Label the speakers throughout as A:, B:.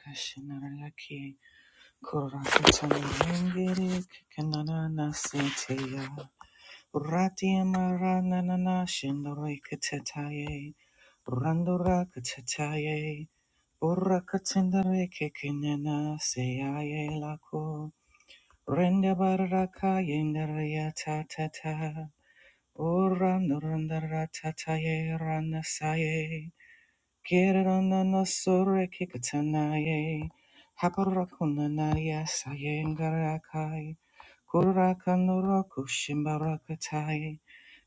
A: Kashinaraki kurakatana yengiri kikanana naseteya ratia marana nana shindarai katataye randura katataye urakatindare kikinana seyaye lako rende baraka yendaria tatata Ora nurandara tataye ranasaye Kirana sore kikatanaye, haparakuna sayengarakaye, kuraka noroku shimbarakatai,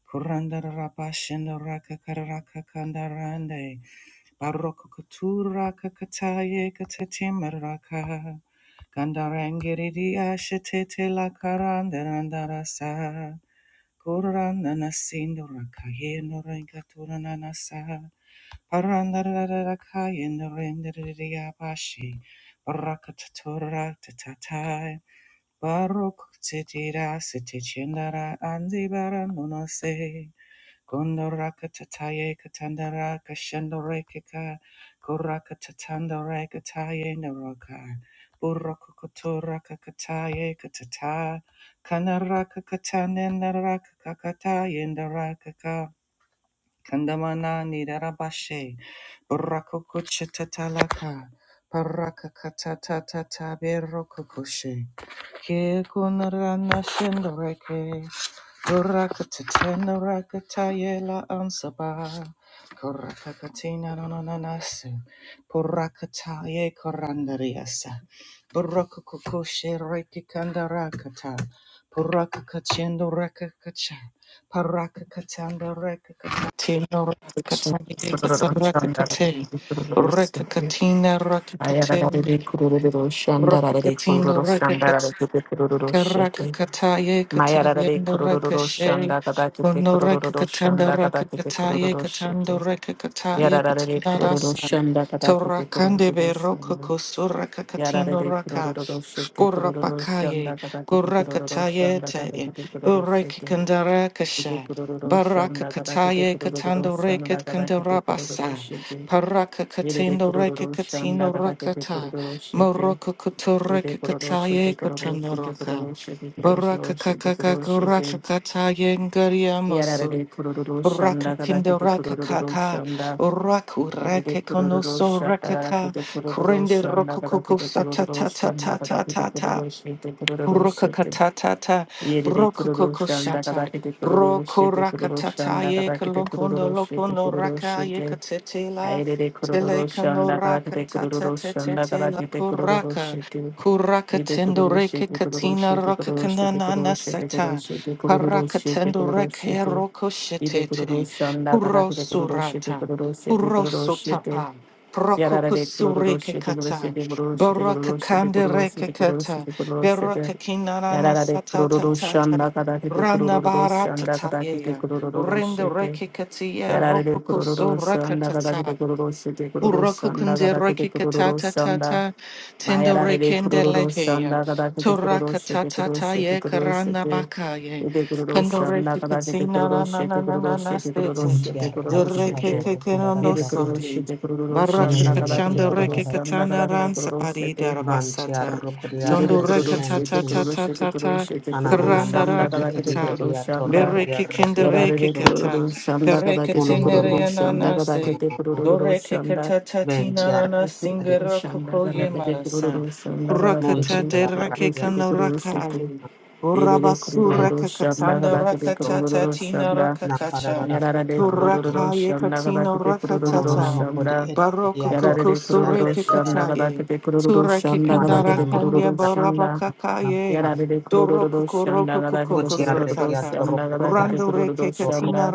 A: kuranda rabashina rakakaraka kandarande, barokutura kakataye katatimaraka, gandarangiridi ashetete la karandarandarasa, kurana nasindorakaye norenkatura Parandarararakayendarendriyabashi. Barakatatoratatatai. Barokutsitira sitichendara andibaranunase. Gondorakatataye katandara kashendorekeka. Korakatatandarekatayendaroka. Burokukutorakakataye katata. Kanarakakatanendarakakatayendarakaka. Kandamana nidarabashe. Barakukuchatatalaka. Parakakatatatata berokukushe. Kekunarana shendareke. Burakatatenarakatayela ansaba. Korakakatina nananase. Purakataye korandariasa. Burakukukushe rekikandarakata. Purakakachendo rakakacha. Parakakatanda rakakata. Tilo
B: Yarare
A: rakakatani rakakate rakakatina rakakate rakakatina Karakakataye katayenda rakashe. Kono rakakatanda rakakataye katando rakakataye katandarasa. Torakande beroko kosura kakatino raka. Skora pakaye. Gorakataye te. Ureke kandarakasha. Baraka kataye katando reket kandarabasa. Paraka
B: エレデ
A: katendo
B: クロロ
A: reke
B: ロシャンダ
A: katino
B: ダダケテクロ
A: rakata.
B: ロロシェテ
A: Moroko
B: エデ
A: kotoreke
B: クロロシェ
A: kataye
B: テクロロシェテクロ
A: kotanoroka.
B: ロシェテクロシ
A: Baraka
B: シエテク
A: kakaka
B: ロロシェ
A: kuraka
B: テ
A: kataye ngaria
B: ヤラレ
A: mosu.
B: クロロロシャン
A: Raka
B: ダダケ
A: pindo
B: テクロ
A: raka
B: ロロシ
A: kaka.
B: ャンダ
A: Raku
B: エレデ
A: rake
B: クロロロ
A: konoso
B: シャンダ
A: rakaka
B: ダケテクロロロ
A: Kurende
B: シャンダ
A: roko
B: ガケ
A: koko
B: テク
A: sa
B: ロロ
A: ta
B: ロ
A: ta
B: シャ
A: ta
B: ンダ
A: ta
B: ダ
A: ta
B: ケテ
A: ta
B: クロ
A: ta.
B: ロシェテクロロシェテ
A: Brokakatata,
B: エレデクロロシャンダダ
A: Brokokoshata,
B: ケテクロロロシエテクロロシャン
A: Brokorakatata,
B: ダダ
A: ye
B: ケテクロロ
A: kolokondo
B: シェテ
A: lokono
B: クロロシエ
A: raka ye
B: テア
A: katetela,
B: イレレクロロロシャン
A: telekano
B: ダカラケテクロロ
A: rakatata
B: ロシャンダカラ
A: tetetela
B: ケテクロロロ
A: kuraka.
B: シティ
A: Kuraka
B: イテクロ
A: tendo
B: ロシ
A: reke
B: ティクロロシ
A: katina
B: ティク
A: roka
B: ロロシティクロ
A: kanana
B: ロシティクロロ
A: sata.
B: シティクロロ
A: Paraka
B: シティク
A: tendo
B: ロロシ
A: reke
B: ティ
A: roko
B: Ide
A: shetete.
B: Kururushanda
A: Puro
B: Kadakide Kururushite
A: surata.
B: Kururushite
A: Puro
B: Kururushite
A: sotapa. Proko
B: Yarara de
A: kusureke
B: Kururushite
A: kata.
B: Kururushite Kururushite
A: Baraka
B: Kururushite
A: kande reke
B: Kururushite
A: kata.
B: Kururushite Kururushite
A: Berakakinarana
B: Yarara de
A: satatatata.
B: Kururushanda Kadakide Kururushanda Kadakide
A: Ranabaratatayeya.
B: Kururushite
A: Renderekikatia
B: Yarara de Kururushanda
A: rokukusurakatata.
B: Kadakide Kururushite
A: Kuroko
B: Kururushanda
A: kunde
B: Kadakide
A: reke katata
B: Kururushanda
A: tata tendo
B: Mayarara de
A: rekende leheya.
B: Kururushanda Kadakide
A: Toraka
B: Kururushite
A: tata ta
B: Kururushite
A: ye karana
B: Kururushite
A: bakaye.
B: Ete
A: Kando
B: kururosha,
A: reke
B: nagadake te
A: katina na na
B: kururoshe, te
A: na na na na
B: kururoshe, te
A: stete.
B: kururoshe, te
C: Untia raki
B: kururoshe,
A: Dereke
B: te.
C: ador
A: kekerando
B: Yere
C: kudarabaha.
B: kururoshe,
A: sode.
B: te kururosha,
A: Baraka
C: Menenene
B: nagadake te
C: mehi
A: kachanda reke
C: adarara.
B: kururosha,
A: katana
B: nagadake te
A: ran
B: kururoshe,
A: sapari
B: te.
C: Bantia
A: darabasata.
C: rukudia
B: Yere de
A: Tondo
C: reki
A: reke
B: kururoshe, te
A: tata
C: enti.
A: tata
B: kururoshe, te
A: tata.
B: kururoshe, te
C: Ananana
B: kururosha,
A: Karanda
C: makodi
A: raka
B: nagadake te
C: edi
A: kata.
C: edi
B: kururosha,
C: ator
B: na.
C: rukudia
A: Bereke kende
C: reki
B: Yarare
A: reke
B: de
C: anto.
A: kata.
B: kururosha,
A: Pereke
B: nagadake te
C: Mononono
A: tenere
B: kururosha,
A: ananase.
B: nagadake te
C: makudakunamaha.
A: Doreke
B: kururosha, na.
A: katata
C: Bentia
A: tinarana
C: raki
A: singera
B: Kururosha,
A: kokoye
B: nagadake te
A: marasa.
B: kururosha, nagadake te
C: Muntia
A: Rakata de
C: rakia
B: kururoshe, te
A: rakekana kana
B: kururoshe, te.
A: rakai.
B: Elele
C: en
A: Urabasura
B: kurururu şanda
A: kakatanda
C: rakia
B: kadar kete
C: to
A: rakatata
B: kurururu
A: tina
B: şanda.
A: rakakacha.
C: nakararara
B: Yarara de
C: namaha.
B: kurururu
A: Turakaye
B: şanda kadar
A: katina
B: kete kurururu
C: Mononono
A: rakatata.
C: makodi
B: şanda.
C: edi edi
A: Baroka
C: ator
B: Yarara de
C: rukudia
A: kokosure
B: kurururu
C: reki
B: şanda
C: enti.
B: kadar
A: kataye.
B: kete kurururu
A: Turake
B: şanda kadar
A: kandara
C: Mananana
B: kete
C: makodi
A: kanya
B: kurururu
C: ator
A: baraba
B: şanda.
C: rukudia
A: kakaye.
C: namaha.
B: Yarara de
A: Doroko
B: kurururu şanda
A: koroko
B: kadar kete
C: Kotia
A: kokoso
B: kurururu
C: rekia
A: tata.
C: toro
B: şanda kadar kete
A: Rando
B: kurururu
A: reke
C: Doro
A: katina
B: şanda.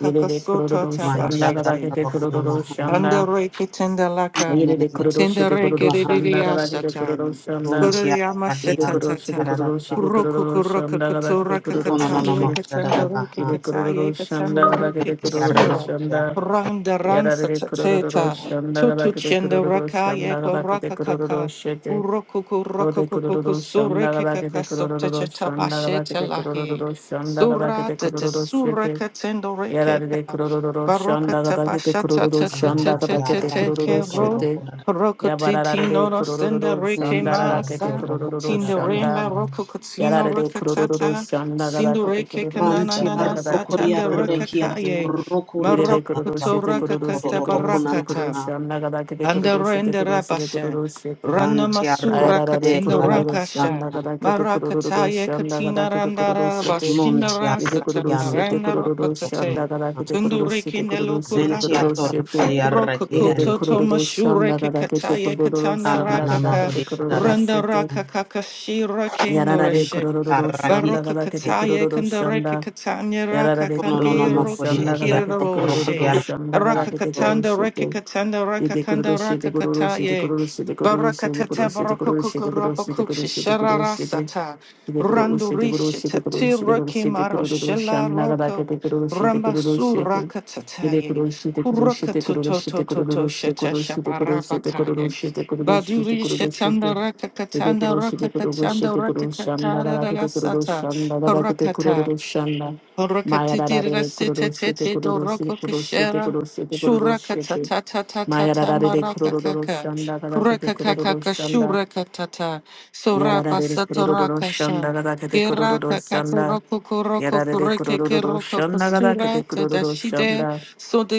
B: Yere de kurururu şanda
C: mantiara
B: kadar
A: tapashite.
B: kete
C: bakuna
B: kurururu
C: maha
B: şanda.
A: Andare che tenda la ca,
B: Yere
C: enene
B: de kurururu şete
A: tendere che
B: kurururu
C: maha
B: şanda
A: ridia
B: kadar kete kurururu
A: satani,
B: şanda.
C: buntiara
B: Yede
A: masheta
C: rakian
B: kuru şede
A: tata.
C: tarara
B: kuru şede
C: baha
A: roku
B: kuru
A: kuroka
B: şamda gada
A: katura
B: kete kuru
C: kono no
B: şede
C: no
A: kakataye
B: kuru
C: maha tarara
A: katendere che
C: baha
B: yede kuru
A: kataye
B: şamda gada
A: katendere che
B: kete
C: mentiara
B: kuru
A: kisura,
B: şamda
C: rokiara
A: randa
B: yara
A: ransa
B: de kuru
A: tateta,
B: şamda gada
A: tutu
B: kete
A: chendere
B: kuru
A: kaye
B: şamda gada kete
A: koraka
B: kuru
A: kaka,
B: şete
A: uroku kuroka
B: Ode
A: kukuku
B: kururu
A: sure
B: şanda gada
A: kaka.
B: kete
A: kakasokta
B: kururu şanda
A: chetabashe
B: gada kete
A: telahi,
B: kururu şanda gada
A: sura
B: kete
A: tete
B: kururu
A: sura
B: şete
A: katendere
B: yarar de kururu şanda
A: Barokata
B: gada kete
A: bashata
B: kururu
A: te
C: kono
A: te te
B: şanda
C: maha
A: te
B: gada
A: te
B: kete
C: yara
A: te
C: kia
A: ke
B: kururu
C: toro
A: ro
B: şete
C: kona
B: ya
A: rokati
B: bararare
A: tino
B: de
A: rostenda
B: kururu
A: reke
B: şanda
C: mentia
B: gada kete
A: masa
C: toro
B: kururu
C: kona
A: tindo
B: şanda
A: remba
C: baha
A: roko
B: やら
A: katino
B: れでクロロロロ
A: rokatata
B: シャンラガダ
A: sindo
B: ケテクロ
A: reke
B: ロロシ
A: kanana
B: ャンラ
A: nana
C: mantiara
B: ガダケテク
A: satanda
B: ロロ
C: rokiara
B: ロ
C: kia
B: シテ
A: rakakaye
C: toro
B: イレ
C: kunta
B: レ
A: maroko
B: クロロ
A: kato
B: シテクロ
C: bakunto
B: ロシテ
A: rakakata
C: doro
B: クロロシ
C: bakuna
B: テクロロ
A: barakata
C: maha
B: シャンラガダケテクロロシテ
A: Andarende
B: クロロシテクロ
A: Rabashan,
B: ロシテ
A: Rana
C: bantiara
B: アや
A: Masura
B: ララ
C: rokode
B: レク
A: Katina
B: ロロ
C: yara
B: ロロシ
C: baha
B: ャンラ
A: Rankashan,
B: ガダケテクロロロロシ
A: Marakataye
B: ャンラガダ
A: Katina
B: ケテクロロ
A: Randara
B: シテ
A: Bashina
B: イ
C: montiara
B: レクロ
A: Rasatan,
B: ロ
C: rakian
B: シテ
C: toro
B: ク
A: Rana
B: ロロロシャン
A: Rokotate,
B: ラガダ
C: bakuna
B: ケテクロロシ
A: Tunduriki
B: テクロロシテコロ
C: Ventiator
A: Nelokurantata,
B: シテイ
C: Kodiaraki
B: レで
C: and
A: Rokokoto
B: コロロロシャンラガ
A: Tomashureke
B: ダケテコ
A: Kataye
B: ロロロシ
A: Katana
B: ャンラガ
C: Kananama
B: ダケ
A: Rakaka,
B: テ
C: Hodi
B: コロロ
C: Kadada
B: ロシ
A: Randa
B: テ
A: Rakaka Kashira
B: やらられ、コ
A: Kinurashe.
B: ロロロロ、シャン
C: Mentiaraki
B: ダが
A: Baroka
B: らけてコロ
A: Kataye
B: ロロ、シャン
A: Kandareke
B: ダ。
A: Katanya
B: やら
A: Raka
B: れくるるる
A: Kangi
B: る
C: Kunonomo
B: しゃん
C: Kodi
B: ながだ
A: Rokshikira
B: けて
C: Ediator
B: くるるるる
C: Kodiaraki
B: しゃんながだ
C: and
B: けてくるる
A: Rakakatanda,
B: して
A: Rekakatanda,
B: 出てくるる
A: Rakakanda,
B: してくるるしてく
A: Rakakataye.
B: るるしてくるるしてくるる
A: Barakatata,
B: してくるるして
A: Barakukuku,
B: くるるして
A: Rabakuk,
B: くるるしてくるる
A: Shisharara,
B: して
A: Sata.
B: 出てくるるしてくるる
A: Randurishi,
B: してくるる
A: Tati,
B: してくるる
A: Roki,
B: してく
A: Maro,
B: るるるしゃ
A: Shela,
B: んながだけ
A: Roko.
B: てくるるしてくるる
A: Rambasu,
B: して出てく
A: Rakatataye.
B: るしてくるしてくるしてくる
A: Kurakatutotototo,
B: るしてく
A: Sheta,
B: るしてくるしてくるるしてくるる
A: Shabarabakaye.
B: してく
A: Baduri,
B: るるして
A: Shetanda,
B: 出てく
A: Rakakatanda,
B: るしてくるし
A: Rakakatanda,
B: てくるしゃんなが
A: Rakakatara,
B: だけてくるるし
A: Sata.
B: ゃんながだけてくる
A: Rakata.
B: るしゃんな Maya da da
A: Rakatitira
B: de
A: sete
B: kururu şete
A: tete
B: kururu şete
A: doroko
B: kururu şete
A: kishera.
B: kururu şete kururu
A: Shuraka
B: şete.
A: tata tata
B: Maya da
A: tata
B: da de
A: maraka
B: kururu
A: kaka.
B: şanda da da de
A: Kuraka kaka
B: kururu şanda.
A: kashuraka tata.
B: Ya da da
A: Sorapa
B: de kururu
A: satoraka
B: şanda
A: shan.
B: da da de
A: Geraka
B: şanda.
A: kakoroko
B: Ya
A: koroko
B: da da
A: koreke keroko
B: şanda da da de
A: kasura tadashide.
B: şanda.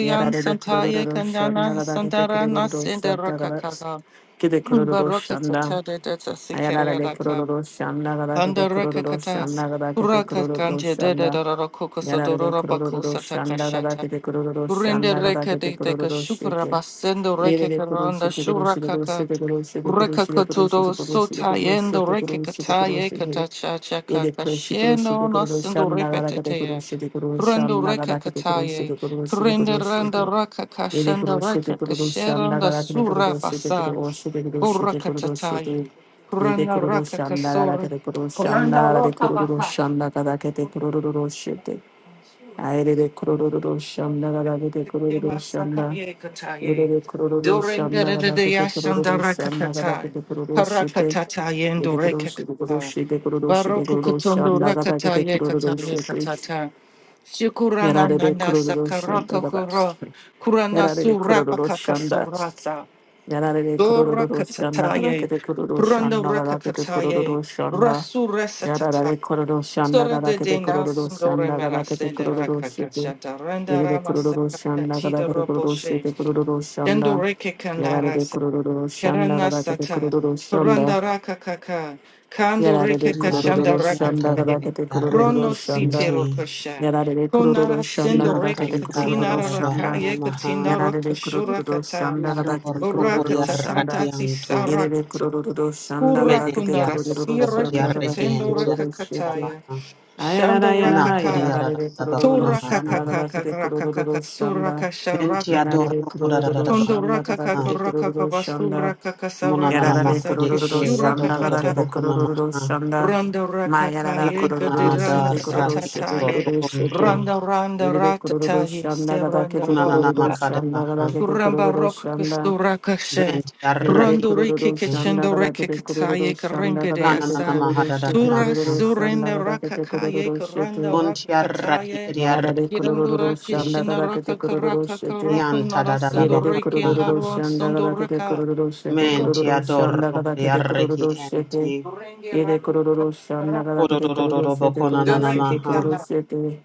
B: Ya da da
A: santaya kandana
B: şanda da da de
A: sandara nasende
B: şanda da da
A: rakakaka.
B: de
A: Baraka
B: şanda.
A: tata de data
B: Ayarara de
A: sikereka.
B: kururu şanda da da de
A: Pandaraka kata,
B: şanda da
A: kuraka kanje dededara
B: や
A: kokosa
B: られて
A: dorora
B: くるるるる
A: bakusa
B: しゃんだがだ
A: takashata.
B: けてくるるるしゃん
A: Kurinde
B: だがだ
A: reke
B: けて
A: de
B: くるる
A: teka
B: るして
A: shukra
B: て。
A: basendo
B: 入れ
A: reke
B: てくる
A: karanda
B: してくるしてくるし
A: shurakaka.
B: てくるしてくるしてくる
A: Reka
B: してくるして
A: katudo
B: くるしてく
A: sota
B: るし
A: yendo
B: てく
A: reke kata
B: るし
A: ye
B: て
A: kata
B: 入れてくるしてくるしてくるしゃ
A: nasendo
B: んだがだけてくる
A: repetetea.
B: してくるしゃ
A: Kurendo
B: んだが
A: reke
B: だけてく
A: kata
B: るし
A: ye.
B: てくるしてく
A: Kurinde
B: るし
A: randa
B: て
A: raka
B: 入れてく
A: kashanda
B: るして
A: reke
B: くるしゃんだが
A: kasheranda
B: だけてく
A: sura
B: るしてく
A: basa.
B: るしてくるしてくるし
A: Urakatataya.
B: て入れてく
A: Kurana
B: るし
A: raka
B: ゃんだがだけ
A: kasura.
B: てくるしゃんだ
A: Kuranda
B: がだけてく
A: roka
B: る
A: baka.
B: しゃんだがだけてくるして Aire de kororo şanda gada kete kororo
A: Tema
B: şanda.
A: sakaye
B: Yere
A: kataye.
B: de kororo şanda
A: Dorengere
B: gada
A: de
B: kete
A: yashanda
B: kororo şanda gada
A: rakakatai.
B: kete kororo şete.
A: Parakatataye and
B: Yete kororo şete kororo
A: rekakata.
B: şete kororo şete kororo şanda gada kete
A: rakataye
B: kororo
A: kataye
B: şete.
A: katata. Shukurana
B: Yarare de
A: nana
B: kororo şanda
A: sakaraka
B: gada.
A: kura. Kurana
B: Yarare de
A: suraka
B: kororo şanda.
A: kakasurasa.
B: やられでくるるる
A: Dora
B: るしゃんだからけ
A: katataye,
B: てくるるしゃん
A: branda
B: だからけてくるるる
A: rakakataye,
B: しゃんだ。
A: rasu
B: やられ
A: resatataye,
B: でくるるしゃんだか
A: sora
B: ら
A: de
B: けて
A: de
B: くるるる
A: nasun
B: しゃん
A: dore
B: だからけて
A: merase
B: く
A: de
B: るるるして
A: rakakachata,
B: 入
A: renda
B: れてくるるるしゃ
A: ramasakata,
B: んだから
A: chida
B: けてくるるし
A: roboshe,
B: てくるるるしゃんだ。
A: dendo reke
B: やられで
A: kandarasa,
B: くるるるしゃんだか
A: karana
B: らけてくる
A: sata,
B: るるしゃんだ。
A: randa rakakaka,
B: や
A: kando
B: られで
A: reke
B: くるる
A: kachanda
B: る
C: Kodiaraki
B: しゃんだか
C: Ator
B: ら
A: rakakaye,
B: けてくるるる
A: rono
C: Kodiaraki
B: しゃん
C: and
A: siti
B: だ。
C: Te
A: rokosha,
B: Yarare kururu
A: konara
B: şanda
A: sendo
B: kada
A: reke
B: kete
A: katina
B: kururu
C: Nakantara
B: şanda.
C: Bahana
A: rakaye,
C: Maha
A: katina
B: Yarare
A: rokoshura
B: kururu
A: kata,
B: şanda kada
C: Yador
B: kete kururu şanda.
C: Kodiaraki
A: Urakatatati
C: Anto
B: Yerere
A: sarakata.
B: kururu şanda kada kete
A: Kurakunara
C: Menehiator
B: kururu
A: sira
B: şanda kada kete
C: Kodiaraki
A: kikatendo
C: and
B: kururu şete.
A: rakakataya.
C: Tiadabaha
B: Ayarara
A: Shanda
B: yarara
A: rakaka.
C: Nakodiarada
B: yarare kururu
C: Bakunamaha
B: şanda kada
A: Turakakakaka
B: kete
A: rakakaka
B: kururu şanda.
A: suraka sharakaka.
C: Ventiador
B: Yarare kururu
C: Kodadada
A: Tondo
B: şanda kada
C: Baha
A: rakakaka
B: kete
A: rakaka
B: kururu şanda.
A: basura kakasa
C: Munanana
B: Yarara de
A: rakakasa
C: makudi
B: kurururu
C: ede
A: kishura
C: ya do
B: şanda
C: do do
B: gada
C: do
A: kakata.
B: kede
C: bokuna
B: kurururu
C: maha.
B: şanda.
A: Randa
B: Ma
A: rakaka
B: yarara
A: yenga
C: Yadiana
B: kurururu
A: dirana
C: da
B: şete kururu
C: rakia
B: şete
C: to
A: satataye.
B: kururu şete.
C: rukunto.
A: Randa randa
B: Yeride kurururu
A: ratataye
B: şanda gada
A: seranda
B: kede
C: Kunanana
B: kurururu
A: raka.
C: makada
B: şanda gada
C: baha.
B: kede
A: Kuramba
B: kurururu
A: rock
B: şanda.
A: kusura kashe.
C: Benti
B: Yeride
C: arraki.
A: Rondo riki
B: kurururu şanda
A: kichendo
B: gada
A: reki
B: kede
A: kataye
B: kurururu şanda
A: karenge
B: gada
A: de
B: kede
C: Kananana
A: asa.
B: kurururu
C: mahada da da
B: şete
A: Tura
C: baha.
B: kurururu şanda
A: surenda
B: gada
A: raka
B: kede
A: kaye
B: kurururu şete.
A: karanda
C: Bunti
A: raka
C: arraki
A: kataye.
C: edi
B: Yarara de
C: arraki
A: Kirando
B: kurururu
A: raki
C: ente.
B: şanda
A: shina
B: gada kede
A: raka
B: kurururu
A: karaka
B: şete.
A: karaka
C: Yanta
A: nara
C: da da
B: イ
C: da
A: sendo
B: レレク
C: bakuna
B: ロロ
A: reki
B: ロ
A: la
C: maha.
B: ロシャンダガ
A: sendo
B: ダケテク
A: raka.
B: ロロロシェテクロロ
C: Menti
B: ロシャン
C: ador
B: ダガダケ
C: rukudi
B: テクロロ
C: arraki
B: ロシェテ
C: ente.
B: イ
A: renge
B: レク
A: raka
B: ロロロシャンダガ
A: raka.
B: ダケ
C: Kodo
B: テ
C: do
B: ク
C: do
B: ロ
C: do
B: ロ
C: do
B: シェテクロ
C: bokuna
B: ロ
C: nana
B: シェテクロ
C: maha.
B: ロシェテ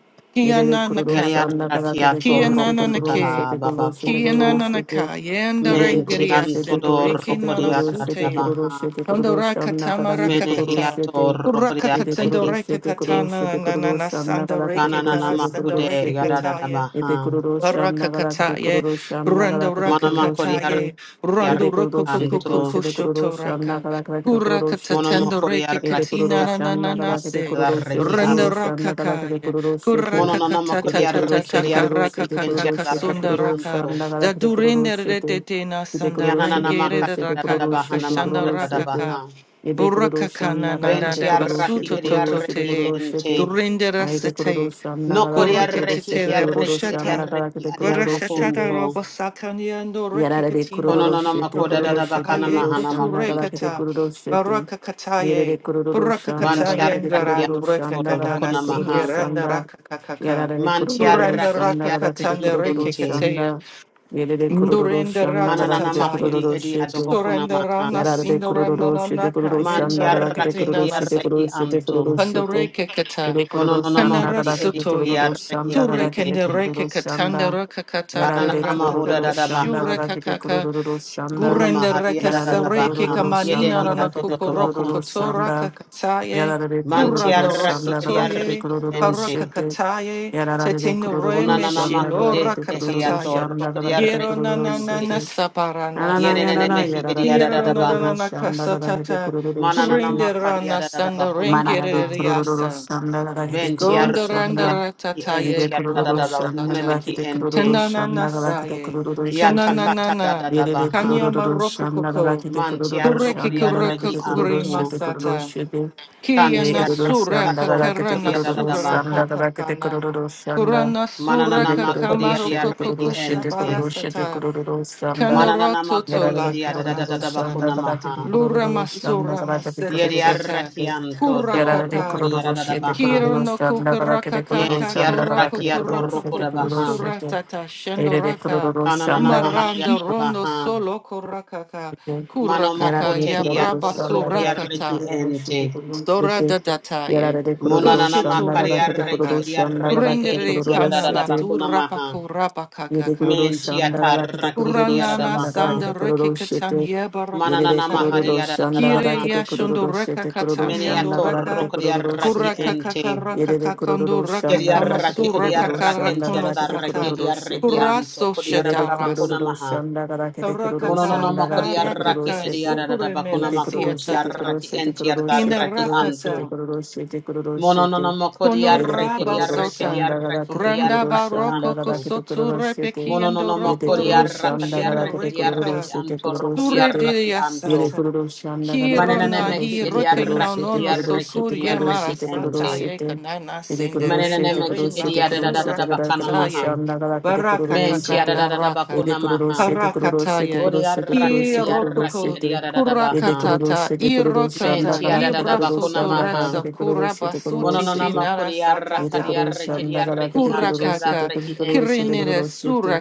B: イ
A: Kia
B: レレクロ
A: nana
B: ロ
C: Yadi
B: シ
A: ka.
B: ャンダガダ
C: arraki
B: ケテク
C: ato
B: ロ
A: Kia
B: ロシェテ
A: nana
B: ク
A: na
C: rukunta
B: ロロ
C: ha
B: シェ
A: ke.
B: テクロロシェテク
A: Kia
B: ロ
C: babakunto.
B: ロ
A: nana
B: シ
A: na
B: ェテ
A: ka. Yenda
B: イレレクロロ
C: Mentiam
A: rengeria
B: シェテクロロ
C: todor
B: シ
A: sendoreke
B: ェテク
A: nana
B: ロロシェテク
A: suteya.
B: ロロシェ
C: rokodiadadamaha.
B: テクロロシャ
A: Kondoraka
B: ンダガダケテ
A: tamaraka
B: クロロ
A: kata.
B: シェテイ
C: Menehiator
A: Uraka
B: レクロ
C: rokodiadreki.
B: ロシェ
A: katendoreke
B: テクロロシェ
A: katana
B: テクロ
A: nana
B: ロ
A: na
B: シャンダガダケテク
A: sandoreke
B: ロロシ
A: kana
B: ェ
C: Kananama
B: テクロロシ
C: kude
B: ェ
A: sandoreke
B: テ
A: kataya.
B: এতে কোনো
C: yadadadamaha.
B: রোজ শ্যাম নাগাদা খেতে কোনো
A: Parakakataye,
B: রোজ শ্যাম নাগাদা
A: Rando
B: খেতে কোনো
C: Manama
B: রোজ সেতে
A: Rakakataye,
C: kodiadreki
B: এতে
A: Rando
B: কোনো রোজ সেতে কোনো
C: anto.
A: Rokokokoko
B: সেতে কোনো রোজ শ্যাম
A: Shotoraka,
B: নাগাদা খেতে খেতে কোনো রোজ সেতে
C: Monoma
A: Kurakatatendo Reke
B: এতে
C: kodiadreki
B: কোনো
A: Katina
B: রোজ শ্যাম
C: yadreki
B: নাগাদা খেতে
A: Nananase,
B: কোনো রোজ সেতে
C: antadareki
B: কোনো
A: Rando
B: রোজ
C: anto.
B: শ্যাম নাগাদা খেতে কোনো
A: Rakakaye,
B: রোজ সেতে
C: Mononama
B: এতে কোনো রোজ
C: kodiadreki
B: সেতে কোনো
A: Kurakakatatataka
B: রোজ
C: yadreki
B: সেতে কোনো রোজ
A: Rakakaka
B: সেতে কোনো
C: entiadareki
A: Sunda
B: রোজ
A: Raka,
B: শ্যাম
C: anto.
B: নাগাদা খেতে কোনো রোজ
A: Dadurinde
B: সেতে
A: Retete
B: এতে কোনো
A: Nasanda
B: রোজ সেতে
C: Yananama
A: Rengere
B: কোনো রোজ সেতে কোনো রোজ
A: Rakaka
C: kadadadabaha
B: সেতে কোনো
A: Kashanda
B: রোজ সেতে
A: Rakaka.
C: namakodadabaha.
B: এতে কোনো রোজ শ্যাম
A: Burakakana
B: নাগাদা
A: nanda
B: খেতে
A: da
B: কোনো রোজ সেতে
C: Ventiaraki
A: basuto
B: কোনো রোজ
A: toto
B: সেতে
C: ediareki
B: কোনো
A: tere,
B: রোজ সেতে
C: ente.
B: アイデコロロ
A: durinde
B: シャンナ
C: No
B: ガラケデコロロシ
C: koriareki
B: ェ
A: Urukititi
B: テコロロロ
C: ediareki
B: シャンナ
A: Rebushata.
B: ガラケ
C: ediareki
B: デコロロロシェテ
A: Burashatara
C: adiarokunto.
A: Robosakania and
B: ヤラレデコロ
A: Urukikatina
B: ロロ
C: Kononona
B: シェテコ
C: makoda
B: ロロ
A: Rokutori
C: dada
B: シェテコ
C: bakana
B: ロ
A: Kaye
B: ロ
C: mahana
B: シャンナガラケ
C: makunto.
B: デコ
A: Kuturekata.
B: ロロシェテ
A: Baraka
B: エレレ
A: Kataye.
B: コロロロシ
A: Buraka
B: ャンナガラ
A: Kataye
B: ケ
A: and
B: デコロ
C: Bantiaraki
B: ロ
A: Garan
B: ロシャ
A: Reka
B: ンナ
C: antokodo
B: ガラケ
A: Kandana
B: デ
C: bakona
B: コロロ
C: maha.
B: シャン
A: Singeranda
B: ダ
A: Raka
B: ヤラ
A: Kakaka.
B: レコロロロ
A: Turanda
B: シャ
C: Mantiaraki
B: ンナ
A: Raka
B: ガラケデコ
C: ediareki
A: Katanda
B: ロロロ
A: Reke
B: シャ
C: ente.
B: ン
A: Katea.
B: ダエレレコロロロシ
A: Ndurenda
B: ャンナガ
A: Rata
B: ラケ
C: Kananana
B: デコロロ
C: makodi
A: Tataye.
B: ロシェテ
C: ediadobokona maha.
A: Surrenderana
B: Yarara de
A: Sindorana
B: kururu şide kururu
A: Nakaye and the
B: şanda kadar kete
C: Mantiaraki
A: Rekatina
B: kururu şide
A: Nasa.
C: ediareki
B: kururu şide
C: anto.
B: kururu şide
A: Pandoreke kata.
B: şide kururu
C: Kononona
B: şanda
A: Kandara
C: mahodi
B: kadar kete
A: sotoye.
B: kururu şanda
C: ediareki
A: Ture
B: kadar kete
C: ente.
A: kendereke
B: kururu
A: katanda
B: şanda
A: raka
B: yarara
A: kataka
B: de
C: Kananana
A: raka
C: mahoda
B: kururu
A: kaka
C: dada
B: şanda
C: baha.
A: shure
B: kadar kete
A: kakaka
B: kururu şanda
C: Mono
A: gurende
C: mahadi
A: reka
B: yarara de
C: dada
A: sareke
C: baha.
B: kururu
A: kamanina
B: şanda
C: Yedehi
A: rana
B: kadar kete
A: kukuroko
B: kururu
C: atodobokunto.
A: koto
B: şanda
A: raka kataye
B: yarara de
A: kuranda
B: kururu
C: Mantiarraki
B: şanda kadar kete
A: rosotoye
C: eriarreki
B: kururu
C: ente.
A: paraka
B: şide
A: kataye
B: yarara de
A: tetenu
B: kururu
A: reme
C: Unananama
B: şanda
A: shilo
B: kadar
C: kude
B: kete
A: raka
B: kururu
C: edehiator
A: tataye
B: şanda kadar kete
A: Gero
C: rokriarreki
A: na
B: kururu
A: na na na
B: şide
C: ente.
A: saparanda
B: Ananayana
A: sete
C: Yenenenemehi
B: Yarada de
A: Gero na
B: Kururu
A: na
C: ediadadabaha.
A: na na
B: Shandagada de
A: kasatata
B: Kururu Shitty
C: Manananama
A: kurende rana sanda
B: Manara
C: kadiadadabakunamaha.
B: de
A: rengere
B: kururu şanda da rakete kururu şanda.
C: Ventiarrokriarreki
A: Dondorandaratataye
B: Yede kururu
A: Corona
B: şanda da
A: Sata.
C: entiadadadabakunemeki
B: rakete
C: ente.
B: kururu
A: Kanana
B: şanda da rakete
A: Saye.
B: kururu şetin.
A: Kananana.
B: Yede de
C: Yatakatadadadabaha.
A: Kanya
B: kururu şanda da
A: Marokoko.
B: rakete kururu
A: Kureki
B: şanda da
C: Mantiarrokriarreki
A: Kuroko
B: rakete
A: Kuri
B: kururu
C: anto.
B: şete kururu
A: Masata.
B: şete. Yede
A: Kiana
B: kururu
C: Kantiarraki
B: şanda
A: Suraka
B: da
C: ator
B: rakete
A: Karana
B: kururu
C: rokriadadabaha.
A: Sugaraka
B: şanda da rakete
A: Takana.
B: kururu şanda.
A: Kurana
B: Yede
A: Suraka
C: Manananama
B: kururu
A: Kamaro
B: şete
C: kodiarreki
B: kururu
A: Kokoko
B: şete
C: ente.
B: kururu şete
A: Sabarasata.
B: kururu şanda.
C: Mananana
A: Kanoroto
C: makodi
B: Yaralı
A: Tola
C: ediada da da da
B: kururu
C: da
A: Karatata.
C: bakuna
B: şanda da rakete
C: maha.
A: Lura
B: kururu şanda
A: Masura
B: da rakete
A: Maseta
C: Yedi
B: kururu
A: Teta.
B: şete.
C: arrakianto
B: やら
C: do
B: れてく
A: Kurakaka.
B: る
C: rukodi
B: ど
C: ada
B: ど
C: da
B: し
C: da
B: えてくるど
C: baha.
B: ど
A: Kirno
B: しあんながらけ
A: kukuraka
B: でくるど
A: kaka
B: し
C: Yenti
B: あんながらけ
A: koroko
B: でくる
C: arrakiato
B: どし
A: kuraka
B: えて
C: rukoda
B: くるど
C: baha.
B: しえ
A: kukusura
B: て
A: tata
B: えれでくるど
A: shendoraka
B: どしあん
C: Kananana
B: ながら
C: maha
B: けで
A: maranda
B: く
C: yada
B: るど
A: rondo
C: baha.
A: solo koraka ka
B: しえてや
A: kuraka
B: ら
A: ka
C: Manomoko
B: れてくるどど
C: tehiato
A: yabraba
B: しあんなが
C: rukodi
B: らけで
A: suraka
B: く
C: arreki
A: ta
B: るどしえて
C: ente.
B: くるどしえ
A: sora
B: て
A: dadata
B: やら
A: ye
B: れてくるどど
C: Munanana
B: しあん
A: kushitu
B: なが
C: makari
B: らけでくる
C: arreki
B: ど
A: rekaka
C: edi
B: しあんながらけ
C: arreki
B: でくる
A: rendere
C: enti ada
B: ど
C: da
A: kana
C: da
B: しえ
C: da
B: て
A: nandu
C: bakuna
A: rapa
C: maha.
A: kurapa
B: 家でク
A: kaka
B: ロロシャ
C: Menti
B: ンダガだけでクロ
C: atarraki
B: ロロ
C: ediada
B: シ
C: da
B: ャ
A: Uranana
B: ンダガだけ
C: baha.
A: sanda
B: でクロ
A: reke
B: ロシェテ。
A: katanya
B: 家
A: baraka
B: で
C: Mananana
B: クロロ
C: maha
A: kataya.
B: ロ
C: yada
B: シャンダガ
A: Kire
B: だ
C: baha.
B: けでクロロ
A: yashundo
B: ロシェ
A: reka
B: テ黒ロロシ
C: Mene
B: ャ
A: katanya
B: ン
A: ndo
B: ダガ
C: ato
B: だけで
A: raka.
B: ク
C: rukodi
B: ロロロシェ
C: arraki
B: テ。
A: Kuraka kaka
C: ente.
B: 家
A: raka
B: でクロロ
A: kakando
B: ロシャ
A: raka
B: ンダガダケテ
C: Kiriaraki
A: kamasu
B: クロ
A: raka
B: ロロシャンダ
C: Ediarrakenti
B: ガ
A: karakono
B: だけでクロ
C: Adaraki
B: ロ
A: sata.
B: ロシェテ。
C: Ediarrakianto
A: Kuraso
B: ロ
A: shatarasa.
B: ロ
C: Kodiarabakuna
B: ロシ
C: Maha
B: ャンダガだけでクロロシャン
A: Karakaka
B: ダ
C: Mononoma
B: ガだけで黒ロ
C: Kodiaraki
A: karakaka
B: シェテ。
A: sukure
C: Ediarabakuna
A: mena
B: ロロ
C: Makunti
B: シェテクロ
A: siatata.
B: ロ
C: Arraki
B: シェテクロ
C: Enti
B: ロシェ
A: Ina
B: テク
C: Adaraki
B: ロロシェテ
C: Anto
A: rakata.
B: クロロシェテ黒ロロシェテ。
C: Mononoma
B: ア
A: Kono
B: イレで
C: Kodiaraki
B: クロ
A: raba
B: ロロ
C: Ediaraki
B: シャン
A: sota.
B: ダガダ
C: Ediaraki
B: ケテクロ
A: Randa
B: ロシ
C: Ediaraki
B: ャンダ
A: baroko
B: ガダ
C: Anto
B: ケテクロ
A: kosotu
B: ロシェテ
A: repeki ando
C: Mononoma
B: イレク
A: roko
B: ロロシャ
A: rosu
C: Kodiaraka
B: ンダガダケ
C: Diaraki
B: テクロロ
C: Diaraki
A: shenrekeka.
B: シェテク
C: Anto
B: ロロ
A: Sure,
B: シェテ
C: Rokodiaraki
A: Surediya
B: イレ
C: Anto
A: sata.
B: クロロシャンダガダケテク
A: Kirona
B: ロロ
C: Manananemeki
B: シ
A: hi
B: ェテクロロ
A: rekena
B: シ
C: Ediaraki
B: ェ
A: no
B: テク
A: no
B: ロロシ
C: Ediaraki
B: ェ
A: sokur
B: テク
A: ye
B: ロロシェ
C: Ediaraki
B: テクロロ
A: marasata
B: シ
C: Ente
B: ェ
A: ye
B: テ
A: kanana
B: イレクロロシェ
A: sinderende
B: テクロ
C: Manananemeki
B: シェ
A: rimba
B: テクロシェ
A: basura
B: テガダケ
C: Ediarabakana
B: ロロシ
C: Maha
B: ャ
A: katataye
B: ンダガダケテクロ
A: baraka
B: ロ
C: Men
B: シェテ
C: tiara da
A: kakanda
C: da da
B: イ
A: raka
B: レ
C: bakuna
B: クロロ
C: maha.
B: シェテクロロシェテク
A: parakataye
C: Bodi
B: ロシェテクロ
C: arraki
B: シェ
C: edi
B: テクロシ
C: arraki
B: ェ
A: kirokuko
C: edi
B: テ
C: da da
B: イレク
C: baha.
B: ロロシ
A: kurakatata
B: ェテクロロシャン
C: Men
B: ダ
A: irokata
B: ガダ
C: tiara
B: ケ
C: da
B: テ
C: da
B: クロロシ
C: bakuna
B: ャンダガダ
C: maha.
B: ケ
A: ibrasuturetsa
B: テクロロシェテクロロ
A: kurabasuti
B: シェ
C: Mononona
B: テ
A: tinara
C: makuri
B: 見
C: arraka
B: てく
A: satata
C: di
B: るし、あ
C: arreki
A: nasai
B: ん
C: di
B: だからけ
C: arreki
B: てくる
C: antiara da
B: し、て
A: kurakaka
B: くる
C: arreki
B: くるし、てく
C: ente.
A: kirinere
B: るし、て。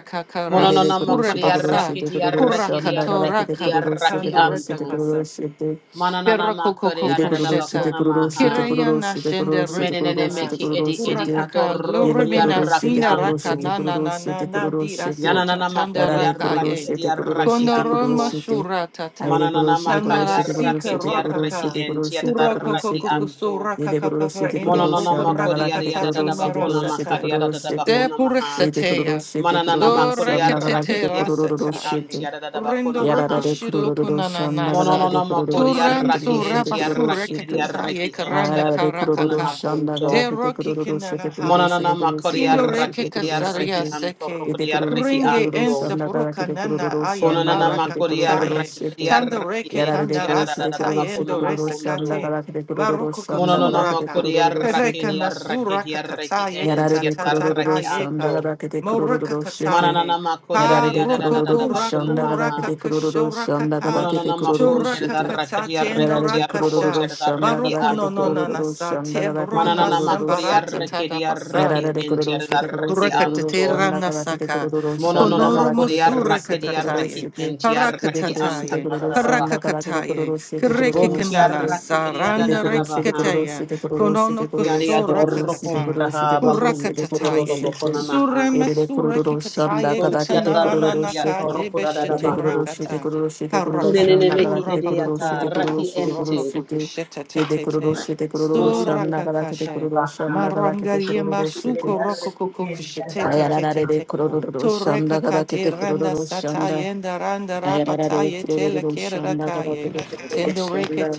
B: 見て
C: Mononona
B: くるし、
C: makuri
B: てくるし、
A: kurabasa
C: arraki
B: て
C: di
B: くるし、あ
C: arreki
B: ん
C: di
B: だからけ
C: arreki
B: てく
C: di
B: る
A: kurakatorakaka
B: し、て
C: arraki
B: くるし、てく
C: anto.
B: る
A: rekakasa.
B: し、て。
C: Mananana makuri
B: エレ
C: da
B: クロ
C: da
B: ロシテ
A: Perrocococococheta,
C: bakuna
B: クロロシテ
C: maha.
B: クロロ
A: Kireyana
B: シテクロロ
A: Shende
B: シテクロロ
C: Menenene
B: シ
A: Reketera,
B: テク
C: meki
B: ロロ
C: edi
B: シ
C: edi
B: テ
A: Urakaka,
C: adorro
B: エレ
C: kuri
B: クロ
A: Luremina
B: ロシ
C: arraki
B: テク
A: Sinda
B: ロロ
C: anto.
A: Raka,
B: シテ
A: na
B: クロ
A: na
B: ロ
A: na
B: シ
A: na
B: テク
A: na
B: ロロ
A: Dira
B: シテ
A: Suta
C: Yananana
B: や
A: Tanda
B: ら
C: makuri
B: れク
A: Raka
B: ロロ
C: arraki
A: Ye,
B: シ
C: edi
B: テクロロシ
C: arraki
B: テクロロ
A: Kondoroma
C: anto.
B: シテアイ
A: Shuratata,
B: レクロ
C: Mananana
B: シテクロロ
C: makari
A: Tanara
B: シテクロロ
A: Sika
B: シテ
C: arraketi
B: クロロシ
C: arreki
A: Rakaka,
B: テクロロ
C: enti
B: シテクロロシ
C: atadarraki
B: テ
A: Urokokokokusu
C: anto.
B: エレクロロシ
A: Rakakaka,
B: テクロ
A: Ende
B: ロシ
C: Mononona
B: ア
A: Boko
B: ンダガ
C: makori
B: ラケテクロロ
A: Rakakatati
C: ariadada
B: シテクロ
C: bakona
B: ロシテ
A: Marasatai,
B: ク
C: makari
B: ロロ
C: adada
B: シテ
C: bakona maha.
B: エレクロロ
A: Sepurasatea,
B: シテクロ
C: Mananana
B: ロシア
C: makori
B: ンダガラケテ
C: arraki
A: Storekatete
B: クロロ
C: arraki
B: シ
A: Rasataye,
B: テ
C: anti adada bakona
A: Rendo
B: やらら
C: maha.
B: で
A: Rokushi
B: くるるるるし
A: Lokunana
B: ゃんながだけ
A: Nasa.
B: で
C: Mononona
B: くるるる
C: makori
B: して
A: Turan
B: くるる
C: arraki
B: し
A: sura
B: て
C: enti
B: くるる
A: basura
C: arraki
B: して
C: edi
A: kakata ye
C: arreki
B: あ
C: enti
A: karana
B: らら
C: adada
B: でくるる
C: bakona
B: る
A: karakaka.
B: しゃんながだ
A: De
C: makunto.
B: けでくる
A: roki
B: るるして
A: kinana
B: くるるし
C: Mononana
A: haye.
B: てくるるして
C: makori
B: くる
A: Tindo
B: るし
A: reke
B: て
C: arraki
B: くる
C: edi
B: るし
C: arreki
A: kasaria
B: て
C: anto
B: え
A: seke.
B: て
C: rokodi
B: くるるし
C: arreki
B: てく
A: Pringe
B: るるしゃ
C: anto.
A: ensa
B: んながだけ
A: buruka
B: でくるる
A: nana
B: るしゃ
A: aye
B: んなが
C: Kononana
B: だけ
A: baraka
B: でく
C: makori
B: るるる
A: kataye.
C: arraki
B: し
C: edi
B: て
A: Tando
C: arreki
B: や
A: reke
B: られで
C: enti
A: kanda
B: くるし
A: rasa
B: てく
C: adada
B: るる
A: taye
B: して
C: bakona
A: endo
B: くるる
A: resa
B: しゃんな
C: makunto.
B: が
A: kate.
B: だけでくるるる
A: Maruko
B: しゃんながだけで
C: Mononona
B: く
A: koturaka.
B: る
C: kodi
B: るるし
C: arraki
A: Pereka
B: て
C: di arraki
A: nasura
C: di arraki
A: kakataye
B: やられ
C: enti
B: でクロロ
A: katatata
B: ロロ
C: arraki
B: シャンダ
C: anto.
A: kayeka.
B: がだけでクロロロ
A: Moraka
B: ロシェて。
C: Mananana
A: kataye.
B: や
C: makodi
B: られ
A: Pa
B: で
C: ariada
B: ク
C: da da
B: ロ
A: roko
C: da
B: ロ
C: da
B: ロ
C: da
B: ロシャン
C: bakuna
B: ダガだけ
A: kuraka
C: maha.
B: でクロロロシャンダガ
A: kashora
B: だけで
C: Mononona
B: クロロロ
C: makonti
B: シェ
A: Shuraka
B: て。
C: arraki di
A: Shurakakatate
B: やら
A: no
C: arraki
B: れ
C: di
B: でクロロロ
C: arrokonti
B: ロ
A: rakasha.
B: シャンダが
C: arraki
B: だ
A: Baruku
B: けで
A: no
B: ク
A: no
B: ロ
C: anto.
B: ロロロシ
A: nanasa.
B: ャンダ
A: Te
B: がだけでク
A: brona
B: ロ
C: Mananana
B: ロロロ
C: makodi
B: シェ
A: sembarata
B: て。
C: arraki di
B: やら
C: arraki
B: れてくる
C: enti
B: ろしててくるし
C: arraki
B: てくるろしゃ
C: anto.
B: ん
A: Rakatatera
B: だからけてく
A: nasaka.
B: るろしゃんだ
C: Mononona
B: からけ
A: Konoromo
B: て
C: makodi
B: くるろして
C: arraki
B: て
C: di
B: くるろし
C: arraki
A: surakakataye.
B: てて
C: enti
B: 出てく
C: arraki
B: るし
C: anta
B: てく
A: Parakatataye.
C: da
B: る
C: da
B: ろ
C: da
B: し
C: da
B: ゃんだ
C: baha.
B: からけてくる
A: Parakakataye.
B: ろしててくるろ
C: Bonti
B: して
A: Kerekikanana
B: て
C: arraki
B: 出
C: ariada
B: て
C: da da
A: saranda
B: く
C: da
B: る
C: da
B: してくる
C: baha.
B: ろ
A: rekikataya.
B: してくるろし
A: Konono
B: てくるろ
C: Yadi
B: してくるろ
C: ador
B: してくる
A: kusorakakata.
B: ろして
C: kuntaha
B: くるろして
C: bakuntu
B: くる
C: kododo
B: ろし
A: Kurakatataye.
B: て
C: bokona maha.
A: Surema
B: 出てくるろしあんだ
A: surakikataye
B: から
C: Kunti
B: けてく
C: adada
B: る
A: katanarana
B: ろし
C: raki
B: て
A: naka
B: て
C: ator kodada
B: 出てくるろ
C: baha.
B: して
A: debeshetorakata.
B: くるろしてくるろしあん
C: Kunenene
B: だから
C: mehi
B: け
A: Harakamagura
B: てく
C: ede
B: るろし
C: ata
B: てく
A: bakoporobo
B: るろ
C: raki
B: してくるろ
A: kokoroko
C: ente.
B: してイデクロロ
A: kokoshetete.
B: シテクロロ
C: Mono
B: シャンナ
C: mahudi
B: ガラケテク
A: Surakakashe.
B: ロ
C: adada
B: ロシャン
C: baha.
B: ナガラケテクロ
A: Marangaria
B: ロシ
C: Bede
B: テ
A: masuko
C: arreki
A: rokoko
C: ente
A: te
B: ア
C: adada
A: te
B: ヤラ
A: te
C: raki
B: ラ
A: te
B: レレ
A: te.
B: クロロ
C: anto.
B: ロシャン
A: Toreka
B: ナガラケテクロ
A: kadiranda
B: ロシャンダ
A: satayenda randa
B: アヤララレレ
A: rapataye
B: クロロシャ
A: telekera
B: ンナガラケ
A: kaye.
B: テクロロシャン
A: Tendoreke
B: ダ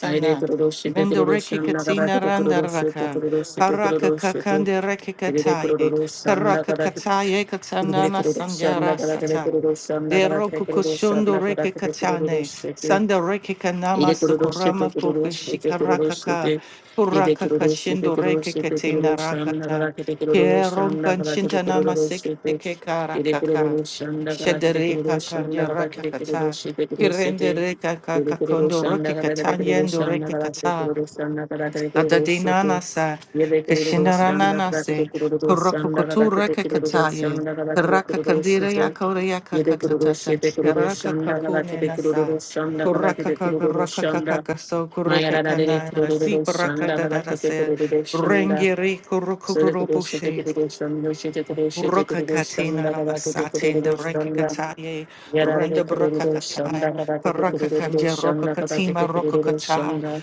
B: アイレ クロロシテクロロシ
A: Mendoreke
B: ャンナガラケ
A: katina
B: テクロ
A: randa
B: ロシテ
A: raka.
B: クロロシテクロ
A: Paraka
B: ロシテ
A: kakande reke
B: エレクロ
A: kataye.
B: ロシャンナ
A: Karaka
B: ガラケテ
A: kataye
B: ク
A: katanana
B: ロロシャン
A: sanjara
B: ナガラケテク
A: sata.
B: ロロシャンナガ
A: De
B: ラケテ
A: roku
B: クロロシャン
A: kushundo
B: ナガラ
A: reke
B: ケテクロロ
A: katane.
B: シテ
A: Sanda reke
B: 入
A: kanama
B: れクロロシて
A: sukurama
B: てくロるしててくるるして
A: kukushikaraka.
B: て入れ
A: Kuraka
B: くるるしてて
A: kashindo
B: くるる
A: reke
B: しててくる
A: ketena
B: るしゃんだか
A: rakata.
B: らけてくるるしゃ
A: Keron
B: んだからけテ
A: kanchinta
B: くる
A: nama
B: るしてて
A: sekeke
B: 入れくる
A: karakaka.
B: るしゃんだからけてくるる
A: Shedereka
B: しゃんだ
A: kanya
B: からけてくるる
A: rakakata.
B: しててくるして
A: Kirende
B: て
A: reka
B: 入れくるる
A: kakakondo
B: しゃん
A: roke
B: だからけてくるる
A: katanyendo
B: しゃんだ
A: reke
B: からけてく
A: kata.
B: るるしゃんだからけてクロロシて
A: Adadinana
B: て
A: sa
B: 入れくるるしゃんだか
A: kishinarana
B: らけて
A: se
B: くるるしゃんだからけ
A: porokukutura
B: てくるるしゃ
A: kakataye
B: んだか
A: karaka kandira yakore
B: Yede kururu
A: yakakatatata
B: şede kururu
A: karaka
B: şanda gala
A: kakune
B: kede
A: nasa
B: kururu şanda gala
A: kuraka
B: kede kururu
A: kakaraka
B: şanda.
A: kakakaso kureka
B: Mayara da dede
A: kana si
B: kururu
A: paraka
B: şanda gala
A: dadada
B: kede
A: se
B: kururu şanda.
A: rengiri
B: Sede kururu şede
A: kurukururobushi
B: kururu şanda şede kururu şede kururu
A: Rukakatina
B: şanda gala kede
A: namasatin the
B: kururu şanda.
A: rekikataye,
B: Yara dede
A: renda
B: kururu şanda
A: brakakata,
B: gala kede kururu
A: parakakanja
B: şanda gala kede
A: rokokatima
B: kururu
A: rokokata,
B: şanda.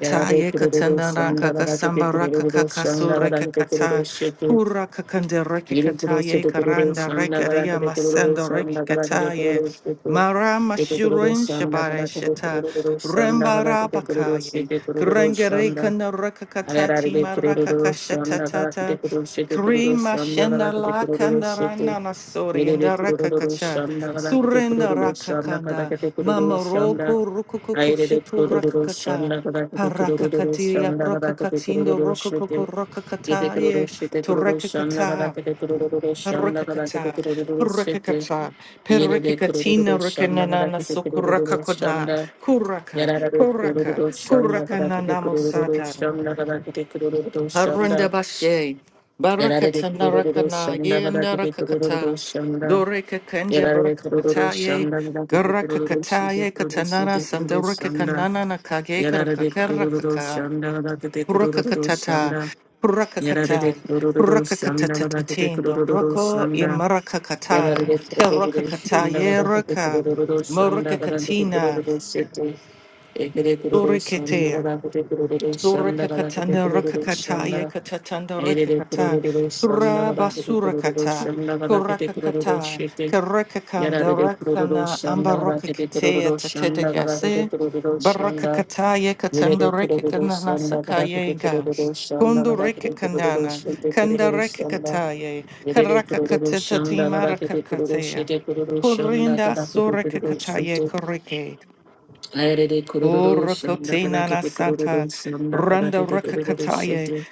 B: Yara dede kururu
A: katanana
B: şanda gala kede
A: kakasamba
B: kururu
A: rakakakasu
B: şanda gala kede kururu
A: rekakata,
B: şanda.
A: hurakakanda
B: Yirukuru
A: rekikataye
B: Situkuru
A: karanda
B: Sanda
A: regaria
B: Karate Kuru
A: masando
B: Sanda Karate
A: rekikataye,
B: Kuru Situ
A: Mara
B: Ekuru
A: Mashurin
B: Sanda
A: Shabare
B: Karate
A: Sheta
B: Kuru Sanda Karate Kuru
A: Rembarabakaye
B: Situ Kuru
A: Grengareka
B: Sanda
A: Narakakatati
B: Araride kururu şanda galakide
A: Marakakashatatata
B: kururu şete kururu
A: Krima
B: şanda
A: shenda
B: galakide
A: la
B: kururu
A: kanda
B: şete.
A: rana na sori and
B: Veride
A: raka
B: kururu
A: kacha
B: Şamda galakide
A: surrenda
B: kururu
A: raka
B: şanda
A: kanda
B: galakide
A: mama
B: kururu şanda.
A: roko rokoko
B: Ayrede
A: shutu raka
B: kururu
A: kata
B: şanda galakide
A: paraka
B: kururu
A: katiria
B: şanda
A: raka
B: galakide
A: katindo
B: kururu şete.
A: rokoko raka
B: Yede
A: kata
B: kururu
A: ye
B: şete
A: to
B: kururu
A: raka
B: şanda
A: kata
B: galakide kururu şanda
A: paraka
B: galakide
A: kata
B: kururu
A: paraka
B: şete.
A: kata peraka
B: Yede
A: katina
B: kururu
A: raka
B: şanda
A: nanana
B: galakide kururu
A: sokuraka kona
B: şanda.
A: kuraka
B: Yarara doktoru
A: kuraka
B: doşanda
A: kuraka
B: kadar kete kururu
A: nanamo
B: doşanda kadar kete kururu
A: Harunda
B: doşanda.
A: bashe,
B: Yarara
A: barakata
B: doktoru
A: narakana, ye
B: doşanda kadar kete kururu
A: yendarakakata,
B: doşanda.
A: doreka kandia
B: Yarara doktoru
A: barakataye, ye
B: doşanda kadar
A: garakakata
B: kete
A: ye katanara
B: kururu
A: sandaraka
B: doşanda.
A: kanana nakage
B: Yarara de kururu
A: karakakaraka,
B: şanda gadaka de kururu
A: purakakatata,
B: şanda. Yarara de
A: purakakata,
B: kururu şanda gadaka de
A: purakakatatatatindo,
B: kururu
A: roko
B: şanda.
A: imarakakata,
B: Yarara de kururu şanda
A: erakakataye
B: gadaka de
A: raka,
B: kururu şanda gadaka de
A: morakakatina,
B: kururu şete. Ekere kururu şanda
A: dorekatea.
B: gadaka de kururu şanda gadaka de
A: Surakakatana
B: kururu
A: rakakata
B: şanda.
A: yekatatanda
B: Aire de
A: rakakata
B: kururu şanda gadaka de kururu
A: kurabasurakata
B: şanda gadaka de kururu
A: kurakakata
B: şete.
A: karakakanda
B: Yarara de kururu
A: rakana
B: şanda gadaka de
A: ambarokakatea
B: kururu şanda gadaka de
A: tatetagase
B: kururu şanda.
A: barakakata
B: 揺れ
A: yekatanda
B: てくれるロしゃ
A: rekakana
B: んだかだけてくれ
A: sakayega
B: るロしゃんだか
A: kundu
B: だけてくれるロ
A: rekakanana
B: シアンくれる
A: kanda
B: ロしゃんだ。
A: rekakataye
B: 揺れてくるロし
A: karakakateta
B: ゃんだかだけてくるロしゃン
A: timarakatea
B: くだ
A: kurinda
B: けてくるロしゃン
A: surakakataye
B: で。
A: koreke
B: あやれでくるロしゃんだ
A: Urukote
B: かだけ
A: nana
B: てくる
A: santa,
B: ロしゃんだかだ
A: randa
B: けてくるロしゃン
A: rakakataye,
B: で。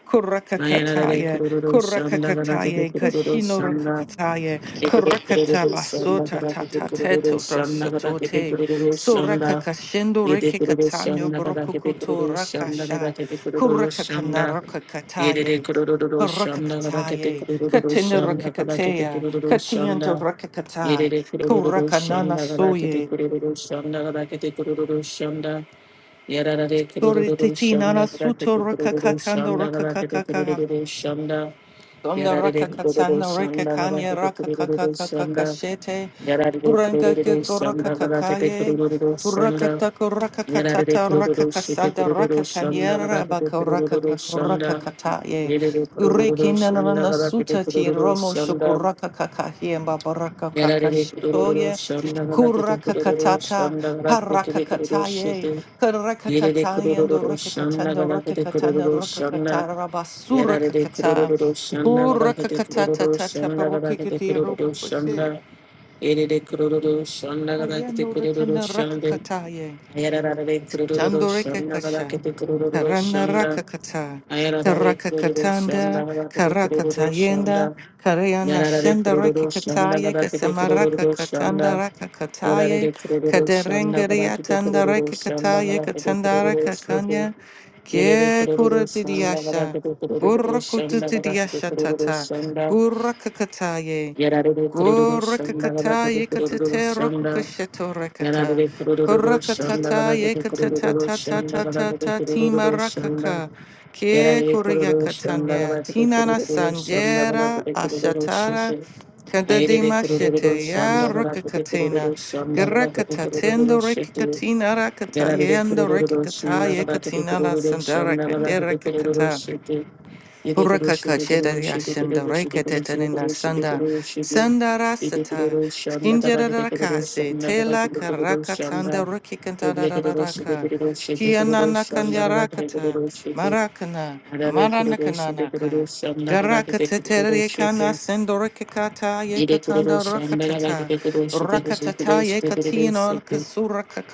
B: あやられでく
A: kurakakataye,
B: るロしゃんだかだけて
A: kurakakataye,
B: くるロ
A: kashino
B: しゃんだ。
A: rakakataye,
B: Yerere
A: kurakata
B: de şanda
A: basota
B: garakete kurururu
A: tatateto
B: şanda garakete
A: drasatote,
B: kurururu şanda yararare
A: sorakakashendo
B: kurururu
A: rekekatanyo
B: şanda garakete
A: brokokoto
B: kurururu şanda
A: rakasha, kurakakana rakakataye. Kurakakataye, katina rakakatea, katiyanto rakakata, kurakanana soye, Sorry, Titina, Suto, Raka, Katando, Raka,
B: garakete
A: Kaka, kaka.
B: kurururu şanda
A: Donda
B: Yarare
A: raka
B: kururu
A: katsanda reka
B: şanda gara
A: kanya
B: tepe
A: raka kaka
B: kururu
A: kaka
B: şanda
A: kashete.
B: yarare
A: Uranga
B: kururu
A: geko raka
B: şanda gara tepe
A: kakaye.
B: kururu
A: Uraka
B: şanda
A: tako raka
B: yarare
A: katata raka
B: kururu şete
A: kasada raka
B: kururu şanda gara
A: kanyera
B: tepe
A: baka raka
B: kururu
A: kaka raka
B: şanda
A: kataye.
B: yarare
A: Ureki
B: kururu şanda
A: nanana
B: gara tepe
A: suta ti
B: kururu
A: romo shuku
B: şanda
A: raka kakahi mbaba raka
B: yarare kururu
A: kakashitoye.
B: şanda gara tepe
A: Kuraka
B: kururu
A: katata
B: şanda gara
A: paraka
B: tepe kururu
A: kataye.
B: şete
A: Karaka
B: yarare
A: kataye ndo
B: kururu
A: raka
B: şanda
A: katanda
B: gara
A: raka
B: tepe
A: katana
B: kururu
A: raka
B: şanda
A: katara basura
B: Yararede
A: kakata.
B: kururu şanda
A: O
B: gadakete kururu
A: rakakatatata
B: şanda gadakete
A: barukikiti
B: kururu
A: rubukwase.
B: şanda. Yerede kururu şanda gadakete
A: Ayano
B: kururu
A: rakana
B: şanda.
A: rakakataye.
B: Yararede kururu
A: Chandoreke
B: şanda
A: kasha.
B: gadakete kururu
A: Karana
B: şanda.
A: rakakata.
B: Ayararede kururu şanda
A: Karakakatanda.
B: gadakete kururu
A: Karakatayenda.
B: şanda.
A: Karyana
B: Yarara de
A: shenda
B: kururu şanda
A: rekikataye.
B: kadar kete
A: Kasamaraka
B: kururu
A: katanda
B: şanda. Yarara
A: rakakataye.
B: de kururu şanda kadar
A: Kaderengeria
B: kete
A: tanda
B: kururu şanda
A: rekikataye.
B: kadar kete
A: Katanda
B: kururu şete.
A: rakakanya.
B: Yerere
A: Kie
B: kururu şanda kadar
A: kuratidiasha.
B: kete kururu şanda kadar kete
A: Gurukututidiasha
B: kururu
A: tata.
B: şanda.
A: Gurakakataye.
B: Yarara de kururu şanda kadar
A: Gorakakata
B: kete kururu
A: yekatete
B: şanda.
A: rokukasheto
B: Yarara
A: rakata.
B: de kururu şanda
A: Parakatata
B: kadar kete kururu şanda kadar kete
A: yekatatatatata tima
B: kururu şanda.
A: rakaka.
B: Yarara
A: Ke
B: de kururu şanda
A: kuriyakatamya
B: kadar kete
A: tinana
B: kururu şanda kadar
A: sanjera
B: kete kururu
A: ashatara.
B: şete. Ayrere
A: Kadadima
B: kurururu
A: shete ya
B: şandalara kete
A: rakakatena.
B: kurururu şandalara kete
A: Garakatatendo
B: kurururu şete.
A: rekikatina rakata
B: Yararere
A: yendo
B: kurururu
A: rekikata
B: şandalara kete
A: yekatina
B: kurururu
A: sandara
B: şandalara
A: kandera
B: kete kurururu şete. Yede kuru
A: Puraka
B: şete
A: kajeda
B: kururu şete
A: yashinda
B: kururu şete kuru
A: rekete
B: şete kuru
A: nina
B: şete
A: sanda
B: kuru şete.
A: sandara
B: Yede
A: sata
B: kururu şandalara
A: skinjera
B: kete kururu
A: rakase
B: şandalara
A: tela
B: kete kururu
A: karaka tanda
B: şanda.
A: ruki kantara
B: Yede kururu şete
A: raka
B: kururu şete kururu
A: kianana
B: şandalara kete
A: kanyarakata
B: kururu şete.
A: marakana
B: Yararere kururu şete kururu
A: maranakananaka
B: şandalara
A: garaka
B: kete kururu
A: tetere
B: şete.
A: kana sendorikata
B: Yere kurulu
A: yekatanda
B: şembele ve
A: rakatata
B: gide kurulu şide kurulu kurulu
A: rakatata
B: şide kurulu
A: yekatino
B: şide.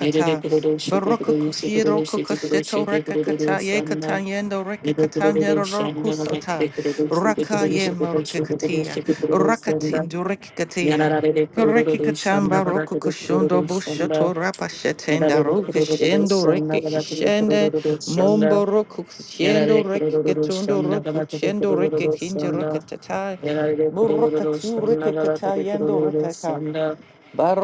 B: Yere de kurulu şide
A: Baroko
B: kurulu şide
A: kushiro
B: kurulu şide kurulu
A: kokosheto
B: şide
A: reka
B: kurulu
A: kata ye
B: şanda.
A: kata yendo reka
B: Yere
A: kata
B: kurulu
A: nero roku
B: şembele ve
A: sota.
B: gide kurulu şide
A: Raka
B: kurulu
A: ye
B: şide kurulu
A: morke
B: şide kurulu
A: katia.
B: şide kurulu
A: Rakati
B: şanda.
A: ndureke katia.
B: Yanara de de
A: Koreki
B: kurulu şanda
A: katamba
B: bana
A: roku
B: de
A: kushundo
B: kurulu şanda.
A: bushoto rapa shetenda
B: Yanara de
A: roku
B: kurulu
A: shendo reke
B: şanda bana de
A: kishende.
B: kurulu şanda.
A: Mombo roku
B: Yarare
A: kushendo reke
B: kurururu
A: ketundo
B: şanda
A: roku
B: galakete
A: shendo reke
B: kurururu
A: kinje
B: şanda.
A: reka tata.
B: Yarare
A: Buraka
B: kurururu
A: tu
B: şanda
A: reke kata
B: galakete
A: yendo
B: kurururu
A: reka ka.
B: şanda.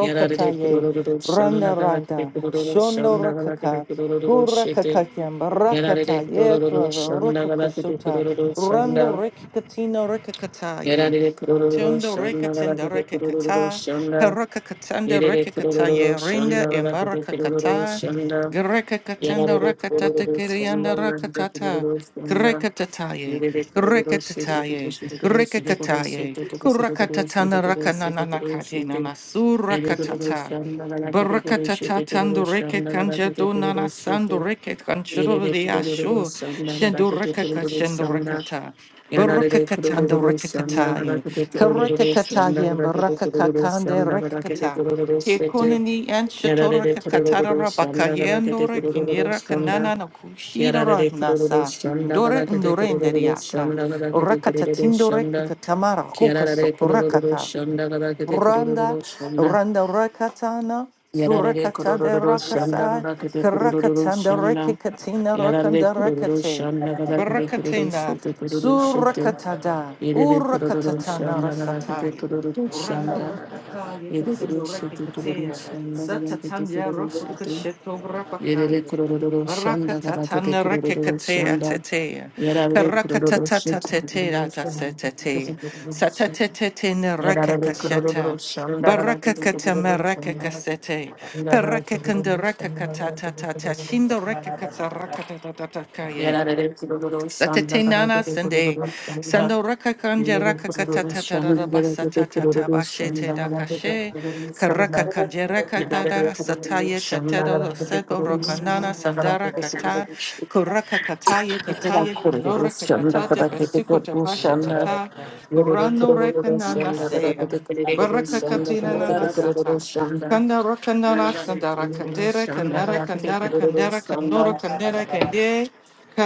B: Yarare kurururu şanda
A: Randa
B: galakete
A: Randa,
B: kurururu
A: Shondo
B: şanda galakete
A: Rakaka,
B: kurururu şete.
A: Gurakakatiam,
B: Yarare
A: Barakataye,
B: kurururu şanda galakete
A: Rokokoshuta,
B: kurururu
A: Rando
B: şanda.
A: Rekikatino Rekakataye.
B: Yarare kurururu
A: Tondo reka
B: şanda
A: tenda
B: galakete
A: reka
B: kurururu
A: kata,
B: şanda.
A: peraka katanda
B: Yerere
A: reka kata ye
B: kurulur
A: rinda
B: şunda
A: e
B: vadede
A: maraka
B: kurulur
A: kata,
B: şunda
A: greka katanda
B: yerere
A: reka tata
B: kurulur şunda
A: kirianda reka
B: vadede
A: kata,
B: kurulur şunda
A: greka tataye,
B: yerere
A: greka
B: kurulur şunda şunda
A: tataye,
B: kurulur
A: greka
B: şunda kurulur şunda kurulur
A: kataye,
B: şunda kurulur şunda
A: kuraka
B: kurulur
A: tatana reka
B: şunda
A: nanana
B: kurulur
A: kate
B: şunda
A: nana sura
B: yerere kurulur
A: katata.
B: şunda vadede
A: Baraka
B: kurulur
A: tata
B: şunda kurulur
A: tando reke
B: şunda
A: kanja
B: vadede
A: do nana
B: kurulur
A: sando
B: şunda
A: reke
B: yerere
A: kanchiro de
B: kurulur
A: asho,
B: şunda
A: shendo
B: vadede
A: reka
B: kurulur
A: kachendo reka
B: şunda
A: ta. Baraka
B: Yararlı
A: katando reka
B: kuruluruz, yanına kadar köpek kuruluruz, yanına
A: Karekakatayem
B: kadar köpek kuruluruz,
A: barakakakande
B: yanına kadar köpek
A: rekakata.
B: kuruluruz, sete.
A: Kekonini and
B: Yararlı
A: shatoraka katara
B: kuruluruz, yanına kadar köpek
A: bakayendore kinira
B: kuruluruz, yanına.
A: kanana no kushidora
B: Yararlı
A: nasa.
B: kuruluruz, yanına
A: Dore
B: kadar köpek
A: ndore
B: kuruluruz,
A: nderiata.
B: yanına kadar köpek
A: Rakata
B: kuruluruz,
A: tindore
B: yanına.
A: kakatamara koka
B: Yararlı
A: Sokurakata
B: kuruluruz, yanına kadar köpek
A: Randa,
B: kuruluruz, yanına.
A: Randa Rakatana,
B: Yararlı
A: Surakata de
B: kuruluruz, yanına
A: Rakasai,
B: kadar köpek kuruluruz,
A: Karakatanda
B: yanına.
A: Rekikatina
B: Yararlı
A: Rakanda
B: kuruluruz,
A: Rakate,
B: yanına kadar köpek kuruluruz,
A: Barakatina,
B: sete kuruluruz, sete.
A: Surakatada,
B: Yedede kururu
A: Urakatatana
B: şanda galakete
A: Rasatai,
B: kururu
A: Randa
B: şanda.
A: Rakakaya
B: Yedede kururu
A: Katindu
B: şete kururu
A: Rekikatea,
B: şanda galakete
A: Satatanya
B: kururu şete.
A: Rakukasheto Rapakaya.
B: Yedede kururu şanda galakete
A: Rakatana
B: kururu
A: rakekatea
B: şanda.
A: tetea.
B: Yarare kururu
A: Karakatata
B: şete
A: tetea
B: kururu şanda
A: tasetete.
B: galakete kururu şete.
A: Satatete ne
B: Yarare kururu
A: rakekasheta.
B: şanda galakete
A: Barakakatama
B: kururu şanda.
A: rakekasete.
B: Yarare
A: Perakakanda
B: kururu şanda
A: rakakatata
B: galakete
A: tata.
B: kururu
A: Shindo
B: şanda.
A: rakakata rakatatata
B: Yararere kurulur şanda
A: Satete nana
B: garakete
A: sende
B: kurulur şanda.
A: sando rakakanja
B: Yürüyerek kurulur şanda garakete
A: rakakatatarabasatata
B: kurulur
A: bashete
B: şanda garakete
A: dakashe
B: kurulur şanda.
A: karakakanje rakatata
B: Yararere kurulur
A: sataya
B: şanda
A: tatero
B: garakete
A: sebo
B: kurulur
A: rokanana
B: şanda
A: sandara
B: garakete kurulur şanda.
A: kata kurakakataya
B: Yararere
A: kataya
B: kurulur
A: banora
B: şanda
A: kakatata
B: garakete
A: besuko
B: kurulur
A: tapashe
B: şanda.
A: tata
B: Yürüyerek
A: urano
B: kurulur
A: rekanana
B: şanda
A: seya
B: garakete kurulur şanda
A: barakakatina
B: garakete
A: nana sata
B: kurulur şanda.
A: kanda rakanana
B: Yararere
A: sandara
B: kurulur
A: kandere
B: şanda
A: kandara
B: garakete
A: kandara
B: kurulur
A: kandara kanora
B: şanda.
A: kandere kandere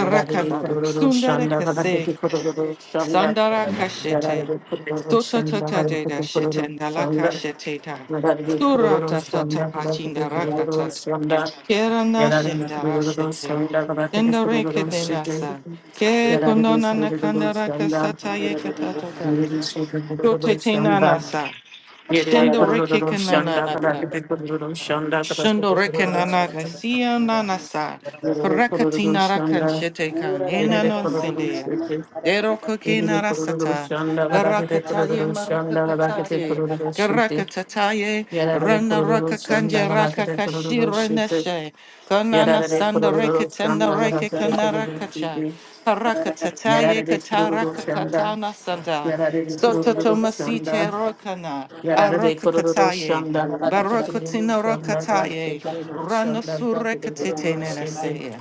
B: Yararlı kurulur
A: Sundara
B: şanda
A: kase.
B: hareketi kurulur şanda
A: Sandara kashete.
B: yararlı kurulur
A: Soto
B: şanda
A: tata deda
B: hareketi kurulur
A: shetendala
B: şanda
A: kasheteta.
B: yararlı
A: Sura
B: kurulur
A: tata
B: şanda hareketi
A: tapachindara
B: kurulur şanda yararlı kurulur şanda hareketi kurulur
A: katata.
B: şanda
A: Kerana
B: yararlı
A: shendara
B: kurulur
A: sete.
B: şanda
A: Shendareke denasa. Ke konona nakandara kasata yekatata. Shote
B: yararlı kurulur şanda
A: tenanasa.
B: yerere
A: Shendareke
B: kurulur şanda
A: kananaka.
B: hareketi kurulur şanda
A: Shundo
B: hareketi kurulur
A: rekenana
B: şanda
A: nesia nanasa.
B: Yerere kororo
A: Parakatina rakan
B: şanda,
A: shete kan
B: verere
A: enanon
B: kororo
A: sendea.
B: şete,
A: Dero
B: yerere
A: kokina
B: kororo
A: rasata.
B: şanda, galakete
A: Garakataye
B: kororo şanda, galakete
A: marakataye.
B: kororo şete,
A: Garakataye.
B: yerere
A: Rana
B: kororo
A: raka
B: şanda,
A: kanje raka
B: galakete kororo
A: kashira
B: şete,
A: neshe. Kanana
B: yerere
A: sanda
B: kororo
A: rekatenda
B: şanda,
A: reke
B: galakete kororo
A: kanarakacha.
B: şete,
D: Thank
A: Parakatataye
B: yerere kororo
A: kataraka
B: şanda,
A: katana sanda.
B: yerere kororo şanda, yerere kororo şanda, galakete kororo şanda, galakete kororo
A: Soto
B: şanda, galakete kororo
A: tomasite rokana. Arakakataye. Barakatino rakataye, rano surekatete
B: şete,
A: nenaseye.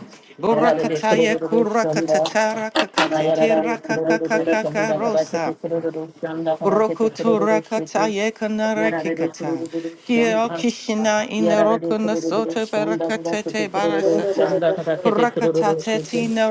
B: yerere
A: Borakataye
B: kororo şanda,
A: kurakatatara kakatete
B: Ayararare kurururu
A: rakakakaka
B: şunda kadar tete
A: rosa.
B: kurururu şunda kadar tete
A: Rokoto
B: kurururu
A: rakata
B: şete.
A: yekana
B: Yararare
A: rakikata.
B: kurururu
A: Kia
B: şunda.
A: kishina ina
B: Yararare
A: rokona
B: kurururu
A: soto
B: şunda kadar tete
A: barakatete
B: kurururu
A: barasata.
B: şunda kadar tete
A: Rakata
B: kurururu şete.
A: tetina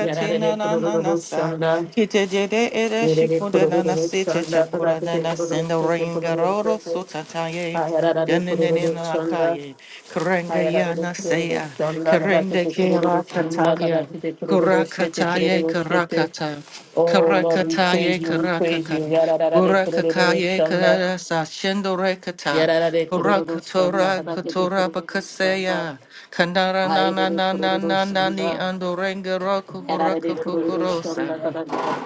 B: Yararare
A: na na
B: kurururu
A: nasa.
B: şunda.
A: Kite dede ere
B: Yerere
A: shikude na
B: kurururu
A: nasite
B: şunda kadar
A: chapura na
B: tete kurururu
A: nasenda
B: şete kurururu
A: ringaroro
B: şete.
A: sutataye.
B: Ayararare kurururu
A: Yanenena
B: şunda.
A: kaye. Karenga
B: Ayararare
A: yana
B: kurururu
A: seya.
B: şunda kadar
A: Karende
B: tete kurururu
A: kira
B: şunda
A: katalia.
B: kadar tete kurururu şete
A: Kurakataye
B: kurururu şete.
A: karakata.
B: Oh Lord, we
A: Karakataye
B: praise you, we praise
A: karakaka.
B: you. Yararara de
A: Buraka
B: kurururu
A: kaye
B: shanda.
A: kara sa shendo rekata.
B: Yarara de kurururu
A: Buraka
B: shanda.
A: tora
B: Kabate de
A: katora
B: kurururu shanda.
A: bakaseya. Kanara na
B: Hayre
A: na
B: de
A: na na
B: kurururu
A: na na ni
B: shanda.
A: ando renga roku
B: Yarara de
A: kuraka
B: kurururu
A: kukurosa.
B: shanda. Kabate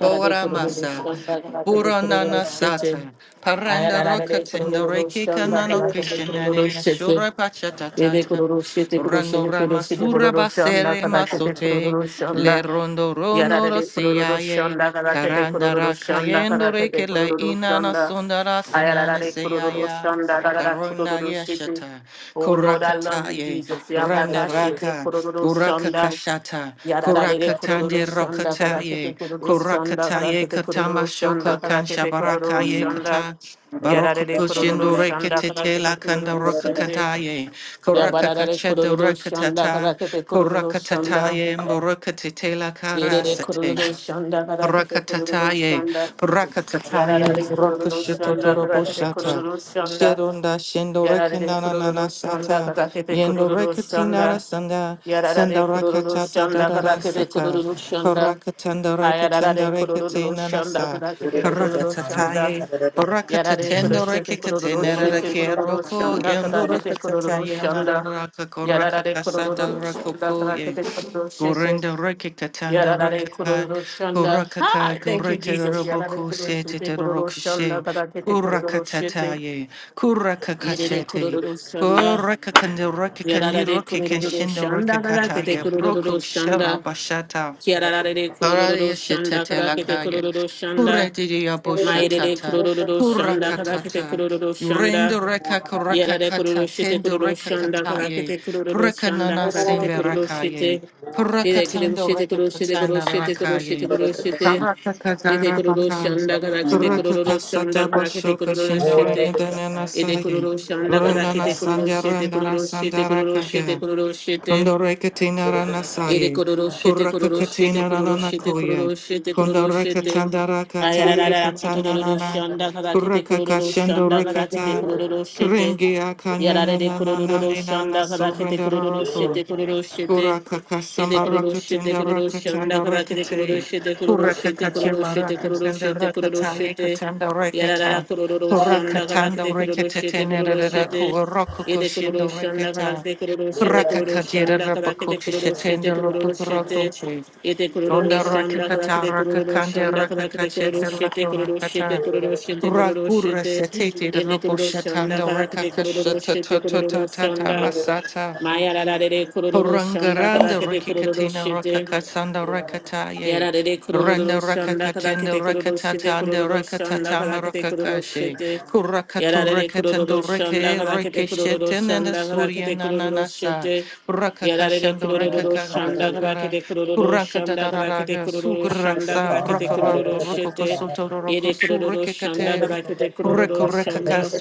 B: Yarara de kurururu
A: masa.
B: shanda. Kabate de kurururu
A: Puranana
B: shete.
A: sata, paranda
B: Ayarara de
A: rokatinda
B: kurururu
A: reke
B: shanda.
A: kanano
B: Kabate de kurururu
A: kishinani
B: shete.
A: yashura pachatata,
B: Yede kururu şete kuru
A: rando
B: şete kuru şete
A: ramasura
B: kururu şanda
A: basere
B: kadar şete
A: masote,
B: kururu
A: le
B: şanda.
A: rondo rono
B: Yarare de kururu
A: rosiaye,
B: şanda kadar şete
A: karanda
B: kururu şanda
A: rakayendo
B: kadar
A: reke
B: şete
A: la
B: kururu
A: inana
B: şanda.
A: sundara
B: Ayarara
A: sanane
B: de kururu
A: seyaya.
B: şanda kadar
A: Karona
B: kururu şete.
A: yeshata,
B: Oh Lord, I love you,
A: korakataye,
B: Jesus.
A: karanda
B: Yabata şete
A: raka,
B: kururu
A: kuraka
B: anda
A: kashata,
B: Yararare de
A: kuraka
B: kururu
A: tande
B: şanda kadar şete
A: rokataye,
B: kururu şanda kadar
A: Korakataye
B: şete
A: katama
B: kururu
A: shoko
B: şanda kadar şete kururu
A: kanshabarakaye
B: şanda.
A: kata. Baroko
B: Yarare de kururu
A: kushindo
D: you.
B: şanda kadar
A: rekete
B: şete
A: la
D: Thank
A: kanda
B: kururu
A: roka
B: şanda.
A: kantaye.
B: Ya
A: Koraka
B: bararare
A: kacheda
B: kururu şanda
A: rekatata.
B: kara tepe kururu şanda.
A: Korakatataye mborokatete la
B: Yerere
A: karasate.
B: kururu şanda kara tepe kururu
A: Rakatataye,
B: şanda.
A: Rakatataye,
B: Yararare kururu şanda kara tepe
A: Rakashutotoroboshata,
B: kururu şanda.
A: Sherunda, Shendo
B: Yararare
A: Rekinana Nana
B: kururu şanda
A: Sata,
B: kara tepe
A: Yendo
B: kururu şanda.
A: Rekatinara Sanda, Sanda
B: Yararare kururu
A: Rakatata
B: şanda
A: Dada
B: kara tepe
A: Sata,
B: kururu şanda.
A: Parakatanda Rekatanda
B: Ayararare kururu
A: Rekatinana
B: şanda
A: Sa,
B: kara tepe kururu şanda.
A: Parakatataye,
B: Yarare kururu
A: Rakatatendo
B: şete kururu
A: Rekikatinara
B: şete kururu
A: Kieroko,
B: şanda
A: Yendo
B: kara tepe kururu
A: Rakatataye,
B: şanda.
A: Naraka
B: Yarara de
A: Korakatasa
B: kororo shanda
A: Darakoko,
B: karakete kororo shese.
A: Gorenda reke katanda
B: Yarara de
A: rakaka,
B: kororo shanda.
A: korakaka,
B: Hi, thank you,
A: goreke
B: Jesus. Yarara de
A: roboko
B: kororo
A: sete
B: shete
A: de
B: kororo shanda
A: rokishe,
B: karakete kororo shete.
A: urakatataye,
B: Yerere
A: kurakakachete,
B: kororo shanda.
A: korakakande reke
B: Yarara
A: kani
B: de
A: roke
B: kurururu
A: kenshindo reke
B: shanda kada kete
A: kataye, broko
B: kurururu shanda.
A: shara
B: Kiarara de kurururu
A: Kararia
B: shanda
A: shetete
B: kada kete
A: lakaya.
B: kurururu shanda.
A: Kurediria
B: Maire de
A: boshatata.
B: kurururu shanda kada kete
A: Kurakatata.
B: kurururu shanda.
A: Urendo reka
B: Yara de kururu
A: kurakakata.
B: shite
A: Tendo
B: kururu
A: reka
B: shanda kada
A: kataye.
B: kete kurururu shanda
A: Prekanana
B: kada kete
A: sembe
B: kururu
A: rakaye.
B: shite. Yere kete
A: Prakatando
B: shite
A: reka
B: kururu shite kururu
A: katana
B: shite kururu shite
A: rakaye.
B: kururu shite. Yete
A: Karakakazara
B: kururu
A: bakas.
B: shanda kada kete kururu
A: Kurakakasada
B: shanda kada kete
A: bashoka
B: kururu
A: shindarenga
B: shite.
A: danana
B: エデクロ
A: saye.
B: ロシャンラカダケ
A: Urandana
B: テクロロ
A: sandya
B: シェテクロ
A: randara
B: ロシェテクロロシェ
A: sandarakaya.
B: テクロロシェテ
A: Kundorekatina
B: Ere
A: ranasaye,
B: kororo shete kororo
A: kurakakatina
B: shete kororo shete
A: rananakuye,
B: kororo shete kororo shete.
A: kundorekatandara
B: Ayararara kotororo
A: katandanana,
B: shanda kada kete kororo shanda kada
A: kurakakashandorekata,
B: kete kororo shete.
A: kiringi
B: Yarare de kororo
A: akanyananananina
B: shanda kada kete kororo
A: nasurindararoku.
B: shete kororo shete.
A: Kurakaka
B: Ede kororo shete
A: Samarakatenda
B: kororo shanda
A: Rakatanda
B: kada kete kororo
A: Rakate,
B: shete kororo shete kororo
A: Kurakakachema
B: shete kororo
A: Rakatanda
B: shete kororo
A: Rakataye
B: shete.
A: Katanda
B: Yarara
A: Rakata,
B: kororo shanda kada
A: Kurakatanda
B: kete kororo shete
A: Rakatatena
B: kororo shete. Yede kururu
A: Kurakokoshindo
B: şanda kadar
A: Rakata,
B: de kururu şete kururu
A: Rakakajera
B: şanda kadar de kururu şete
A: Rabakokishatenda
B: kururu şete.
A: Lokukurokoche,
B: Yede kururu
A: Fonda
B: şanda kadar
A: Rakakata
B: de kururu
A: Rakakanja
B: şanda kadar de kururu
A: Rakakacheta
B: şete kururu şete
A: Lakurakata.
B: kururu şete kururu
A: Ragura
B: şete.
A: setete the
B: Yede
A: robo
B: kururu şanda
A: shatanda
B: kadar de kururu
A: rekakashata
B: şete kururu
A: tata
B: şanda.
A: masata
B: Maya la la de kururu şanda kadar
A: Purangaranda
B: de kururu
A: Rikikatina
B: şete.
A: Rakakasanda Rakataye.
B: Yarare de
A: Randa
B: kururu şanda
A: Rakakatenda
B: kadakete kururu şete
A: Rakatatanda
B: kururu şanda
A: Rakatatama
B: kadakete kururu
A: Rakakashe.
B: şete.
A: Kurakatu
B: Yarare de kururu
A: Rakatando
B: şanda
A: Reke
B: kadakete kururu
A: Rekishetin and
B: şanda
A: Surya
B: kadakete kururu
A: Nananasa.
B: şete. Yarare de
A: Rakakashando
B: kururu
A: Rekaka
B: şanda
A: Rakakara.
B: kadakete kururu şanda kadakete
A: Kurakataraga
B: kururu şanda
A: Sugraksa
B: kadakete
A: Prakara
B: kururu şete.
A: Rokokosoto
B: Yere
A: Rokosu
B: kururu
D: Ora
B: şanda
A: Rikikate.
B: kadakete kururu
A: na
B: şanda.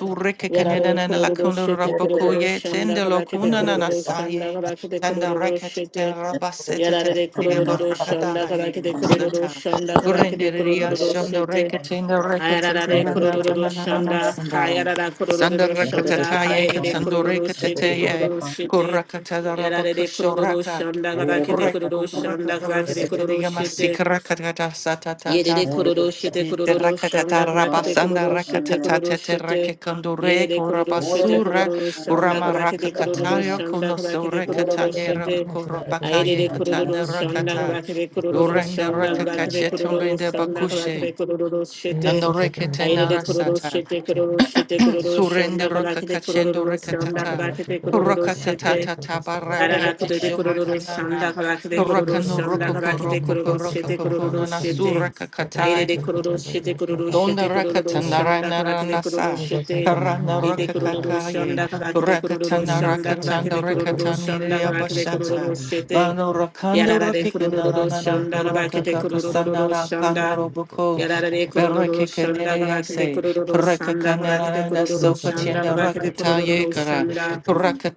B: Yarare de
A: Rikikanyanan
B: kururu
A: Lakunda
B: şete kururu
A: Rapokoye
B: şanda
A: Tende
B: kadakete
A: Lokuna
B: kururu
A: Nanasaye.
B: şanda kadakete
A: Tanda
B: kururu
A: rekete
B: şete.
A: rabasete tete
B: Yarare
A: the
B: kurururu şanda kadar ki de kurururu
A: yabasata.
B: şanda kadar ki de
A: Gurindiria
B: kurururu
A: shondo
B: sete.
A: rekete in the rekete
B: Ayarare
A: yana
B: kurururu
A: ranana
B: şanda,
A: sandara.
B: hayarara
A: Sanda
B: kurururu şanda,
A: rakatata ye
B: hayarare
A: katando
B: kurururu
A: rekete
B: sete
A: ye.
B: kurururu sete.
A: Kurakata
B: Yarare kurururu
A: rabakushoraka.
B: şanda kadar ki de
A: Korek
B: kurururu şanda kadar
A: kurakakura
B: ki de
A: sekete
B: kurururu sete.
A: yamasikarakatada satatata.
B: Yerere kororo şete
A: Ite
B: kororo
A: rakatata
B: şamla kadakete
A: rabasanda
B: kororo şete
A: rakatata
B: kororo
A: tete
B: şete
A: rekekondo
B: Yerere
A: reko
B: kororo şete
A: rabasura
B: kororo şamla
A: burama
B: kadakete kororo
A: rakakatayo
B: şamla
A: kono
B: kadakete
A: sore
B: kororo
A: katanye
B: şete
A: rakoko
B: Ayrere
A: rabakaye
B: kororo
A: katana
B: şamla
A: rakata
B: kadakete kororo
A: lorenda
B: şamla kadakete
A: rakakache
B: kororo
A: tumbrinde
B: şamla
A: bakushe
B: kadakete kororo şete
A: dando reketena
B: Ayrere kororo
A: rasata
B: şete kororo şete kororo
A: surende
B: şamla kadakete
A: rakakachendo
B: kororo şamla
A: rekatata
B: kadakete kororo
A: rakatata
B: şete
A: tata
D: Thank
A: baraka
B: Ararakude
D: you.
B: de
A: kisho
B: kururu şanda
A: rakanana
B: karakide kururu
A: rakano
B: şanda
A: rokoko
B: karakide
A: rokoko
B: kururu şete
A: rokoko
B: kururu
A: nana
B: şete.
A: sura
B: Aire de kururu şete kururu
A: Donda
B: şete kururu
A: rakatana
B: şanda karakide kururu
A: ranasa.
B: şete.
A: Karana
B: İde kururu
A: rakakakaye.
B: şanda karakide kururu
A: Kurakatana
B: şanda
A: rakatanda
B: karakide kururu
A: rakatani
B: şanda karakide
A: riabashata.
B: kururu şete.
A: Bano rakando
B: Yarara de kururu
A: rakikanana
B: şanda karakide
A: kurakakakasana
B: kururu
A: rakano
B: şanda.
A: robuko.
B: Yarara de kururu şanda karakide
A: Berekekaneriase.
B: kururu şanda karakide
A: Parakakanana
B: kururu şanda
A: sokatinda
B: karakide
A: rakataye
B: kururu
A: kara.
B: şanda.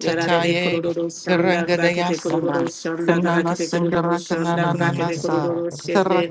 B: Yararebe kururu şanda kadakete
A: Karangadayasamba.
B: kururu şanda
A: Kanana
B: kadakete kururu
A: singarakana
B: şanda kadakete
A: nanasa.
B: kururu şete.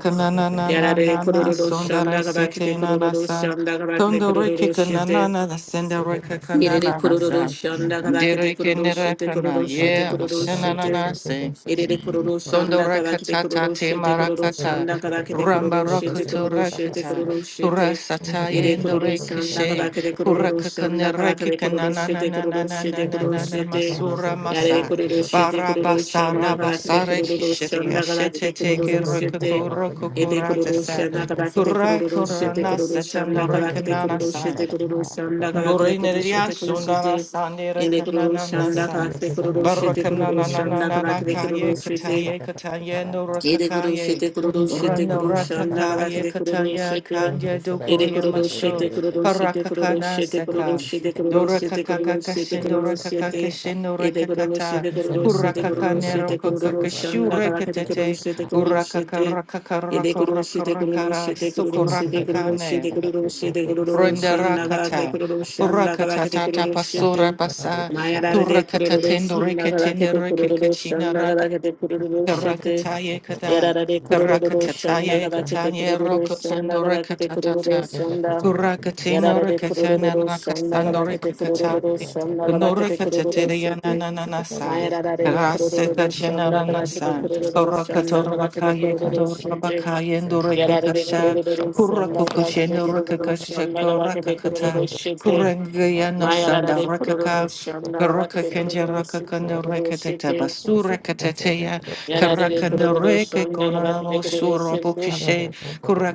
B: Yararebe kururu
A: sondare
B: şanda kadakete
A: setena
B: kururu
A: nasa.
B: şanda kadakete
A: Tondo reke
B: kururu şete.
A: kananana the sender reke
B: Yerere
A: kananana
B: kororo
A: sa.
B: shanda kabakete
A: Dereke
B: kororo
A: nera
B: shete
A: kana
B: kororo shete
A: ye
B: kororo shete.
A: oshananana
B: Yerere kororo
A: Sondo
B: shanda kabakete
A: rakatata
B: kororo
A: te
B: shete kororo
A: marakata.
B: shanda kabakete
A: Ramba
B: kororo shete
A: rokuto
B: kororo shete
A: rakata.
B: kororo
A: Kura
B: shete. Yere
A: sataye ndo
B: kororo shanda
A: rekishe.
B: kabakete
A: Kura
B: kororo
A: kakane
B: shanda kabakete
A: rekikana
B: kororo
A: na na
B: shete
A: na na
B: kororo
A: na na
B: shete
A: na
B: kororo
A: na na
B: shete.
A: masura
B: Yarere
A: masa.
B: kororo shete kororo
A: Barabasa
B: shanda kabakete
A: rabasare
B: kororo
A: hishiri.
B: shanda
A: Ashete
B: kabakete
A: teke
B: kororo shete.
A: rokuku rokuku
B: Ede
A: ratasa.
B: kururusha nagadakete
A: Kura
B: kururusha
A: kura
B: te
A: nasa
B: kururusha
A: tanda
B: nagadakete
A: rekanana
B: kururusha te kururusha nagadakete kururusha
A: Dorinerian
B: te kururusha
A: Sundana
B: te
A: Sandira
B: Ede kururusha
A: Kanana San
B: nagadakete kururusha te
A: Barakanana
B: kururusha
A: Nanana
B: nagadakete
A: Kaye
B: kururusha te
A: Kataye Kataye
B: Ede guru
A: Norakakaye
B: shete guru do shete
A: Rana
B: guru shanda gala
A: Rakakaye
B: kede guru do
A: Kataya
B: shete.
A: Kanya
B: Ede
A: Dokuria
B: guru do
A: Masho
B: shete guru do shete guru do
A: Parakakana
B: shete guru do
A: Seka
B: shete guru do
A: Dora
B: shete guru do shete
A: kakakakashin
B: guru do
A: dora
B: shete.
A: kakakashin dora
B: Ede guru do
A: kakata
B: shete guru do shete guru do
A: hurakakanero
B: shete guru do
A: Kakakashu
B: shanda gala kede guru do
A: Rekatete
B: shete guru do
A: Urakaka
B: shete.
A: Rakaka
B: Ede
A: raka
B: guru do shete guru do
A: urakakarakakarakarakaraka
B: shete guru do shete guru do
A: sukurakakane
B: shete guru do shete guru do shanda gala kede
A: Renderakata,
B: guru do shanda gala
A: Burakata
B: kede guru
A: Tata
B: do
A: Pasura
B: shete.
A: Basa,
B: Maya da de kuru
A: Durakata
B: do shanda
A: Tendurike
B: gala kede guru do shanda
A: Tendurike
B: gala kede guru do shete.
A: Karakataye kada.
B: Yararare kurururu şanda
A: Karakatataye
B: kadakete
A: katanye
B: kurururu
A: roko
B: şanda
A: sandore
B: kadakete kurururu
A: katatata.
B: şanda.
A: Kurakatino
B: Yararare
A: rakatana
B: kurururu şanda
A: nakastando
B: kadakete kurururu
A: rekatate.
B: şanda
A: Nore
B: kadakete kurururu
A: katatele
B: şete.
A: yanananasa.
B: Mayararare
A: Karaseka
B: kurururu şanda kadakete
A: jananasa.
B: kurururu şanda
A: Korakatora
B: kadakete
A: bakaye
B: kurururu
A: katora
B: şete.
A: bakaye ndore
B: Yararare
A: kakasha.
B: kurururu şanda
A: Kurakokosheno
B: kadakete kurururu
A: rakakasha
B: şanda kadakete
A: korakakata.
B: kurururu şete.
A: Kurengayano sanda
E: Thank
B: Mayararare kurururu
A: rakaka.
B: şanda
A: Karaka
B: kadakete
A: kenja
B: kurururu şete
A: rakakando
B: kurururu
A: rekatata
B: şete.
A: basura katateya.
B: Yararere
A: Karakanda
B: kururu
A: reke
B: şanda galata
A: kunanamo
B: pekere sendu.
A: surabokishe.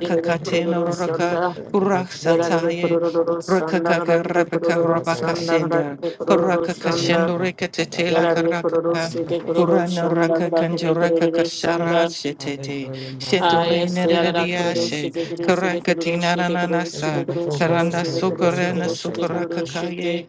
B: Dilere kururu
A: raka
B: şanda. Yararere
A: kuraksataye.
B: kururu şanda
A: Rakakaka
B: galata
A: rabaka
B: kururu
A: rabaka
B: şanda
A: sender
B: galata kururu
A: Paraka
B: şanda.
A: kashendo reke tetela
B: Yararere kururu
A: karakaka.
B: sede kururu
A: Kurana
B: şanda
A: raka
B: galata
A: kanjaraka
B: pekere
A: kashara
B: şanda.
A: shetete.
B: Ah,
A: Shetore
B: yes, Yarada Kurushi,
A: nerediashe.
B: the Kurushi, the
A: Karakatina
B: Kurushi, the Kurushi, the
A: nanasa.
B: Kurushi,
A: Karanda
B: the Kurushi, the Kurushi,
A: sukarana
B: the Kurushi, the Kurushi, the
A: sukarakakaye.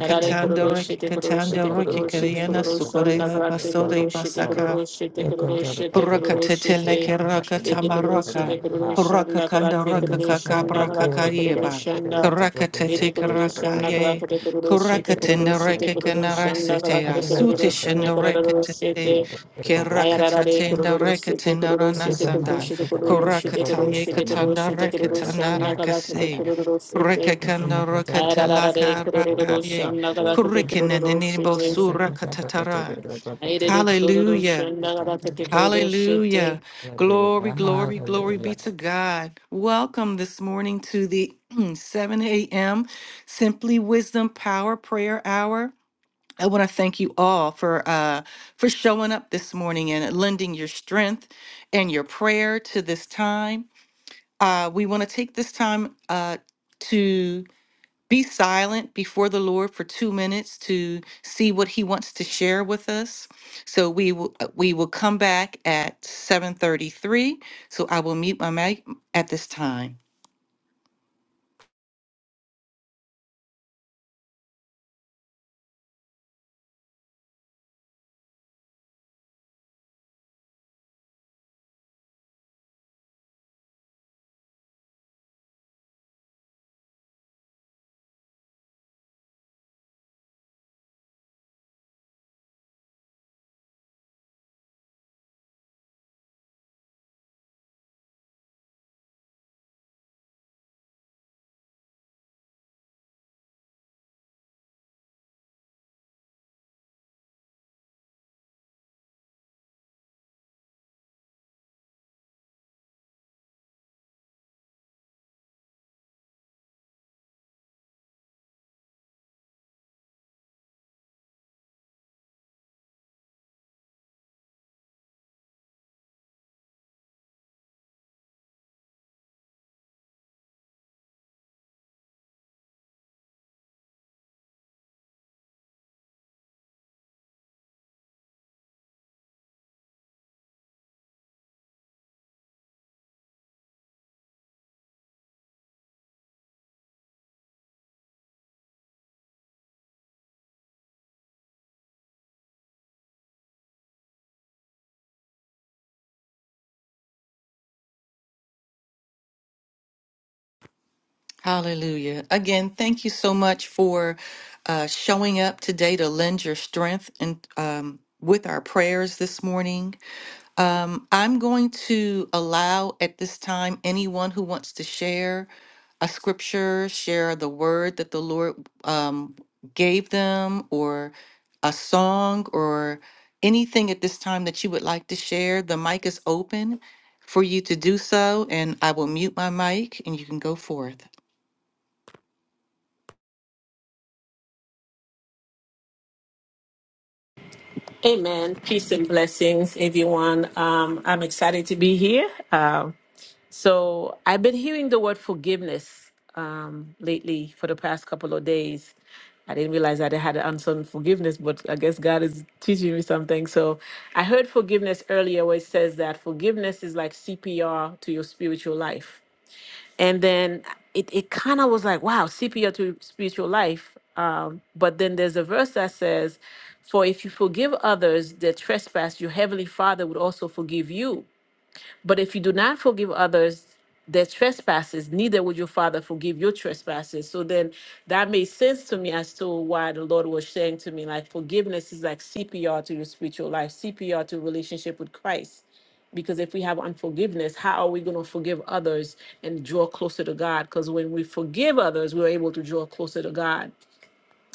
B: Arare
E: you.
B: Kurushi,
A: reke
B: the Kurushi,
E: It's
A: katanda
B: the
E: enough
A: reke
B: Kurushi, the
A: kariana
B: Kurushi, a n e
A: sukaraya basodai
B: Kurushi, the
A: basaka.
B: Kurushi, the Kurushi, the
A: Puraka
B: Kurushi,
A: tetele
B: the
A: keraka
B: Ede Kurushi,
A: tamaraka.
B: the Kurushi, and
A: Puraka
B: k a r a
A: kanda
B: t e
A: raka
B: Kurushi,
A: kaka
B: and k a r
A: braka
B: a t e
A: kayeba.
B: Kurushi, and
A: Karaka tete
B: Ede Kurushi,
A: karaka
B: and k a r a
A: ye.
B: t e Kurushi, the
A: Kuraka
B: Kurushi, the
A: tendereke
B: Kurushi, and k a r a t e
A: kanarasitea. Sute
B: Kurushi, and k a r a t e
A: shendereke tete.
B: Kurushi,
A: Keraka
B: Ayararare
A: tatenda
B: kururu sete kururu sete kururu sete kururu sete kururu sete kururu
A: katanda
B: sete
A: reka
B: kururu shanna kada kete
A: tanarakase.
B: kururu
A: Puraka
B: sete.
A: kanda
E: to
A: raka
E: get the
B: Ayararare
A: telaka raka
B: kururu
A: ye.
B: shanna kada kete
E: Otherwise,
A: Kurikinen
B: kururu
A: and enibo
B: sete.
E: Hallelujah.
A: sura katatara.
B: Ayararare kururu
A: Hallelujah.
B: shanna kada kete kururu sete.
A: Hallelujah. Glory, glory, glory be to God. Welcome this morning to the 7 a.m. Simply Wisdom Power Prayer Hour. I want to thank you all for uh, for showing up this morning and lending your strength and your prayer to this time. Uh, we want to take this time uh, be silent before the Lord for two minutes to see what He wants to share with us. So we will uh, we will come back at seven thirty three. So I will meet my mic at this time. Hallelujah! Again, thank you so much for uh, showing up today to lend your strength and um, with our prayers this morning. Um, I'm going to allow at this time anyone who wants to share a scripture, share the word that the Lord um, gave them, or a song, or anything at this time that you would like to share. The mic is open for you to do so, and I will mute my mic and you can go forth.
B: Amen. Peace and blessings, everyone. Um, I'm excited to be here. Um, so I've been hearing the word forgiveness um, lately for the past couple of days. I didn't realize that I had an answer on forgiveness, but I guess God is teaching me something. So I heard forgiveness earlier, where it says that forgiveness is like CPR to your spiritual life and then it, it kind of was like wow cpr to spiritual life um, but then there's a verse that says for if you forgive others their trespass your heavenly father would also forgive you but if you do not forgive others their trespasses, neither would your Father forgive your trespasses. So then that made sense to me as to why the Lord was saying to me, like, forgiveness is like CPR to your spiritual life, CPR to relationship with Christ. Because if we have unforgiveness, how are we going to forgive others and draw closer to God? Because when we forgive others, we're able to draw closer to God.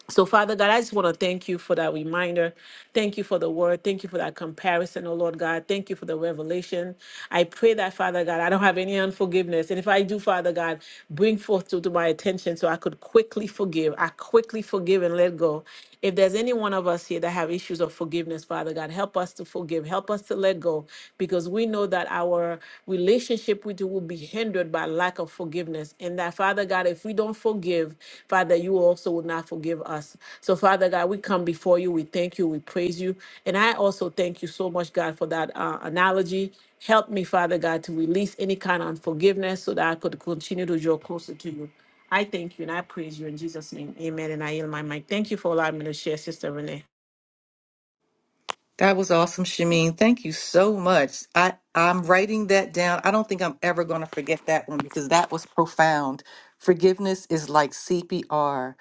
B: So, Father God, I just want to thank you for that reminder. Thank you for the word. Thank you for that comparison, oh Lord God. Thank you for the revelation. I pray that, Father God, I don't have any unforgiveness. And if I do, Father God, bring forth to, to my attention so I could quickly forgive. I quickly forgive and let go. If there's any one of us here that have issues of forgiveness, Father God, help us to forgive, help us to let go, because we know that our relationship with you will be hindered by lack of forgiveness. And that, Father God, if we don't forgive, Father, you also will not forgive us. So, Father God, we come before you. We thank you. We praise you. And I also thank you so much, God, for that uh, analogy. Help me, Father God, to release any kind of unforgiveness so that I could continue to draw closer to you. I thank you and I praise you in Jesus' name. Amen. And I yield my mic. Thank you for allowing me to share, Sister Renee.
A: That was awesome, Shameen. Thank you so much. I, I'm writing that down. I don't think I'm ever going to forget that one because that was profound. Forgiveness is like CPR.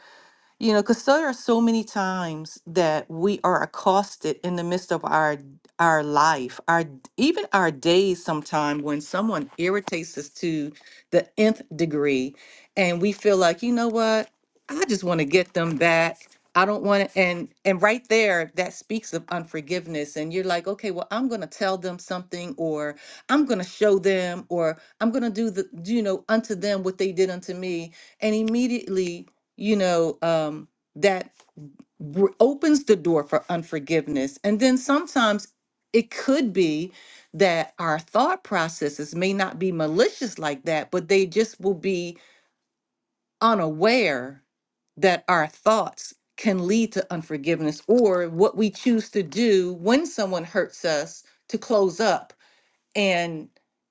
A: You know, because there are so many times that we are accosted in the midst of our our life, our even our days sometime when someone irritates us to the nth degree and we feel like, you know what, I just want to get them back. I don't want to and and right there that speaks of unforgiveness and you're like, okay, well, I'm going to tell them something or I'm going to show them or I'm going to do the you know unto them what they did unto me and immediately you know, um, that br- opens the door for unforgiveness. And then sometimes it could be that our thought processes may not be malicious like that, but they just will be unaware that our thoughts can lead to unforgiveness or what we choose to do when someone hurts us to close up and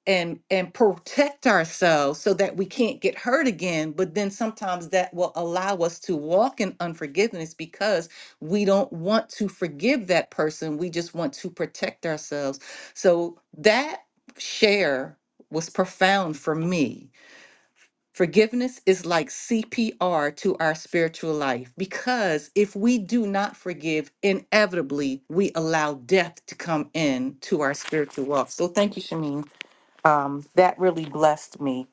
A: and and protect ourselves so that we can't get hurt again but then sometimes that will allow us to walk in unforgiveness because we don't want to forgive that person we just want to protect ourselves so that share was profound for me forgiveness is like CPR to our spiritual life because if we do not forgive inevitably we allow death to come in to our spiritual walk so thank you Shamin um, that really blessed me.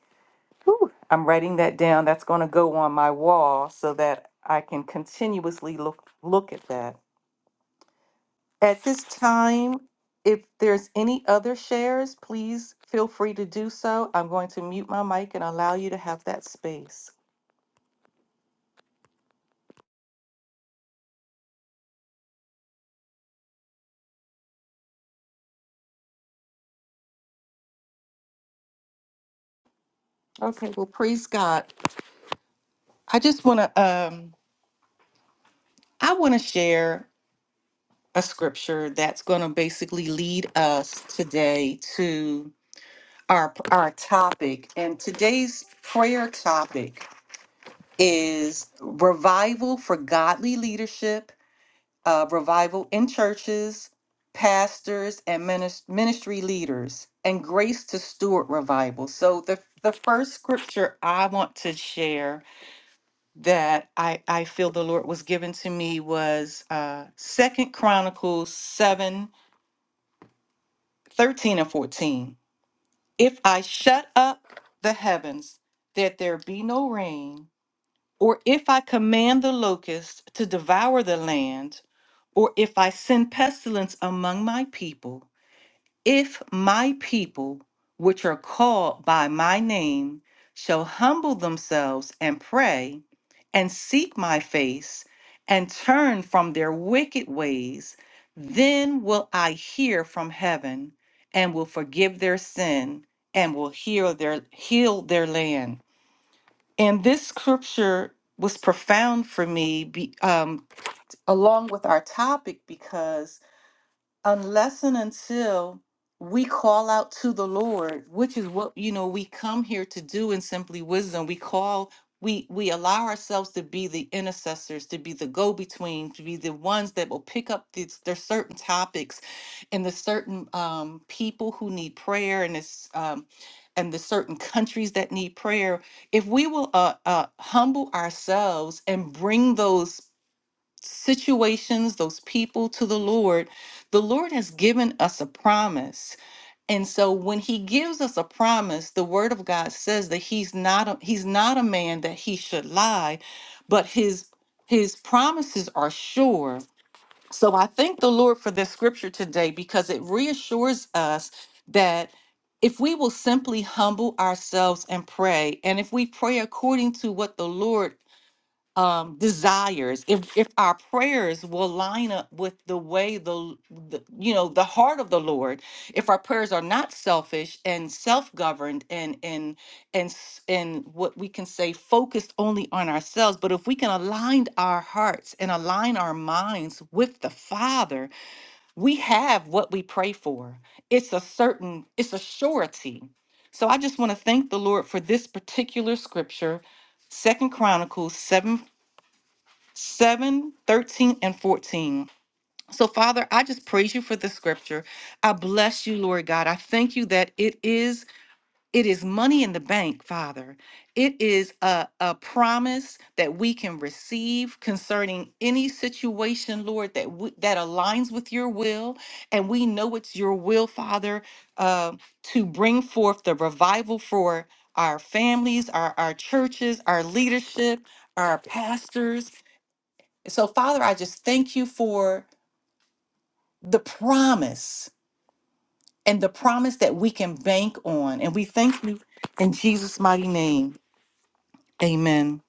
A: Whew, I'm writing that down. That's going to go on my wall so that I can continuously look look at that. At this time, if there's any other shares, please feel free to do so. I'm going to mute my mic and allow you to have that space. Okay, well, praise God. I just want to um I want to share a scripture that's going to basically lead us today our our topic and today's prayer topic is revival for godly leadership uh, revival in churches pastors and minis- ministry leaders and grace to steward revival so the the first scripture i want to share that i i feel the lord was given to me was uh second chronicles 7 13 and 14 If I shut up the heavens that there be no rain, or if I command the locusts to devour the land, or if I send pestilence among my people, if my people, which are called by my name, shall humble themselves and pray, and seek my face, and turn from their wicked ways, then will I hear from heaven, and will forgive their sin, and will heal their heal their land. And this scripture was profound for me, be, um, along with our topic, because unless and until we call out to the lord which is what you know we come here to do in simply wisdom we call we we allow ourselves to be the intercessors to be the go-between to be the ones that will pick up these there's certain topics and the certain um, people who need prayer and this um, and the certain countries that need prayer if we will uh, uh, humble ourselves and bring those situations, those people to the Lord, the Lord has given us a promise. And so when he gives us a promise, the word of God says that he's not a, he's not a man that he should lie, but his his promises are sure. So I thank the Lord for this scripture today because it reassures us that if we will simply humble ourselves and pray, and if we pray according to what the Lord um, desires, if if our prayers will line up with the way the, the you know the heart of the Lord, if our prayers are not selfish and self-governed and and and s- and what we can say focused only on ourselves, but if we can align our hearts and align our minds with the Father, we have what we pray for. It's a certain, it's a surety. So I just want to thank the Lord for this particular scripture. Second Chronicles seven. 7, 13, and 14. So, Father, I just praise you for the scripture. I bless you, Lord God. I thank you that it is it is money in the bank, Father. It is a, a promise that we can receive concerning any situation, Lord, that we, that aligns with your will. And we know it's your will, Father, uh, to bring forth the revival for our families, our, our churches, our leadership, our pastors so, Father, I just thank you for the promise and the promise that we can bank on. And we thank you in Jesus' mighty name. Amen.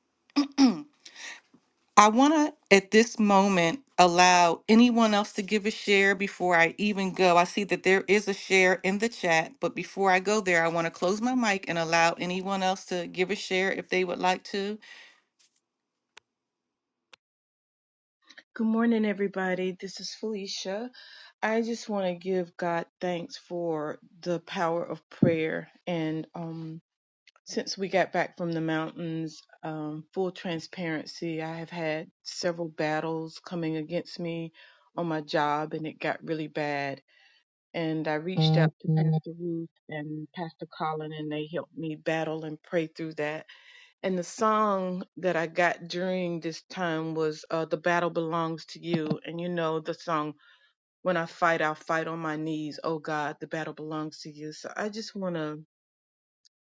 A: I want to, at this moment, allow anyone else to give a share before I even go. I see that there is a share in the chat, but before I go there, I want to close my mic and allow anyone else to give a share if they would like to.
F: Good morning, everybody. This is Felicia. I just want to give God thanks for the power of prayer. And um, since we got back from the mountains, um, full transparency, I have had several battles coming against me on my job, and it got really bad. And I reached out to Pastor Ruth and Pastor Colin, and they helped me battle and pray through that and the song that I got during this time was uh, The Battle Belongs to You. And you know the song, When I Fight, I'll Fight on My Knees. Oh God, the battle belongs to you. So I just want to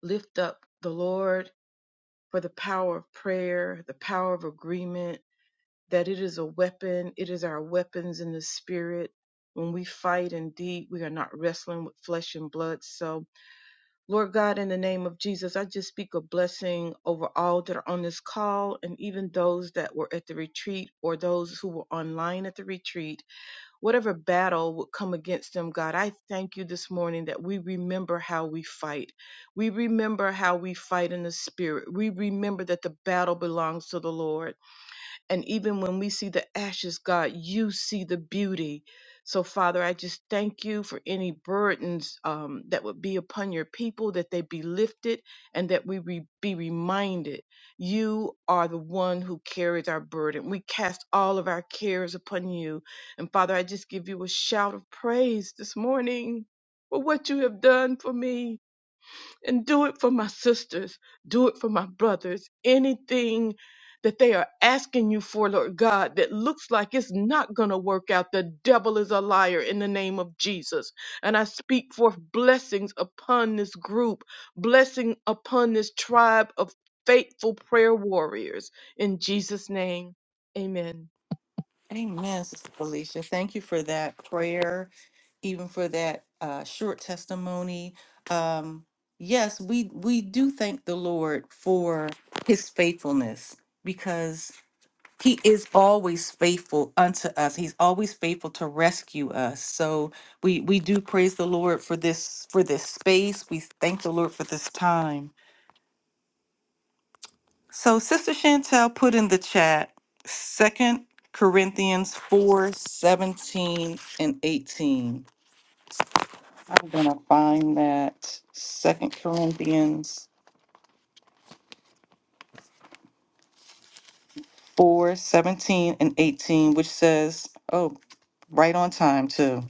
F: lift up the Lord for the power of prayer, the power of agreement, that it is a weapon. It is our weapons in the spirit. When we fight indeed, we are not wrestling with flesh and blood. So Lord God, in the name of Jesus, I just speak a blessing over all that are on this call and even those that were at the retreat or those who were online at the retreat. Whatever battle would come against them, God, I thank you this morning that we remember how we fight. We remember how we fight in the spirit. We remember that the battle belongs to the Lord. And even when we see the ashes, God, you see the beauty. So, Father, I just thank you for any burdens um, that would be upon your people, that they be lifted and that we re- be reminded you are the one who carries our burden. We cast all of our cares upon you. And, Father, I just give you a shout of praise this morning for what you have done for me and do it for my sisters, do it for my brothers. Anything that they are asking you for, Lord God, that looks like it's not going to work out. The devil is a liar in the name of Jesus. And I speak forth blessings upon this group, blessing upon this tribe of faithful prayer warriors. In Jesus' name, amen.
A: Amen, Sister Felicia. Thank you for that prayer even for that uh, short testimony. Um, yes, we we do thank the Lord for His faithfulness because He is always faithful unto us. He's always faithful to rescue us. So we we do praise the Lord for this for this space. We thank the Lord for this time. So Sister Chantel put in the chat Second Corinthians four seventeen and eighteen. I'm gonna find that Second Corinthians four, seventeen and eighteen, which says, oh, right on time too.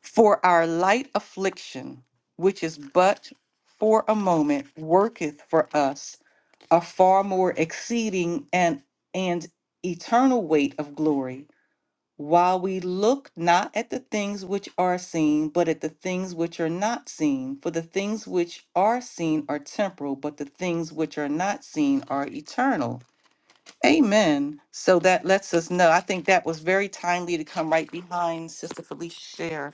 A: For our light affliction, which is but for a moment, worketh for us a far more exceeding and and eternal weight of glory while we look not at the things which are seen, but at the things which are not seen. For the things which are seen are temporal, but the things which are not seen are eternal. Amen. So that lets us know. I think that was very timely to come right behind Sister Felicia's share.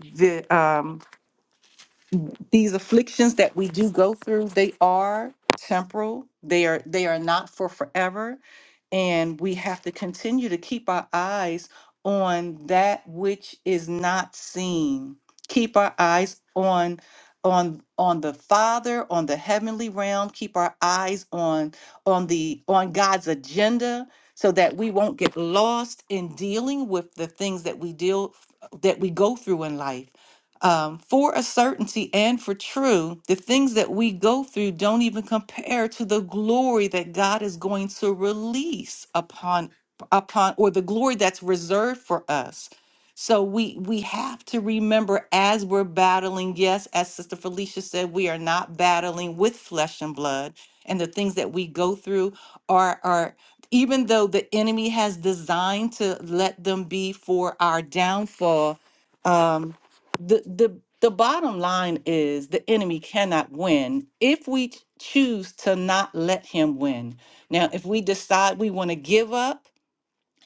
A: The, um, these afflictions that we do go through they are temporal they are they are not for forever and we have to continue to keep our eyes on that which is not seen keep our eyes on on on the father on the heavenly realm keep our eyes on on the on god's agenda so that we won't get lost in dealing with the things that we deal that we go through in life um, for a certainty and for true, the things that we go through don't even compare to the glory that God is going to release upon upon or the glory that's reserved for us. So we we have to remember as we're battling, yes, as Sister Felicia said, we are not battling with flesh and blood. And the things that we go through are are even though the enemy has designed to let them be for our downfall, um the the the bottom line is the enemy cannot win if we ch- choose to not let him win. Now, if we decide we want to give up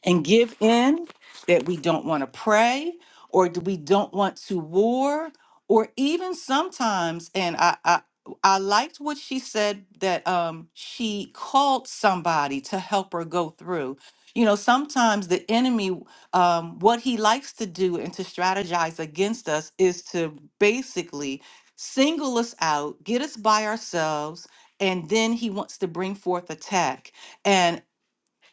A: and give in that we don't want to pray or do we don't want to war or even sometimes and I, I I liked what she said that um she called somebody to help her go through. You know, sometimes the enemy, um, what he likes to do and to strategize against us is to basically single us out, get us by ourselves, and then he wants to bring forth attack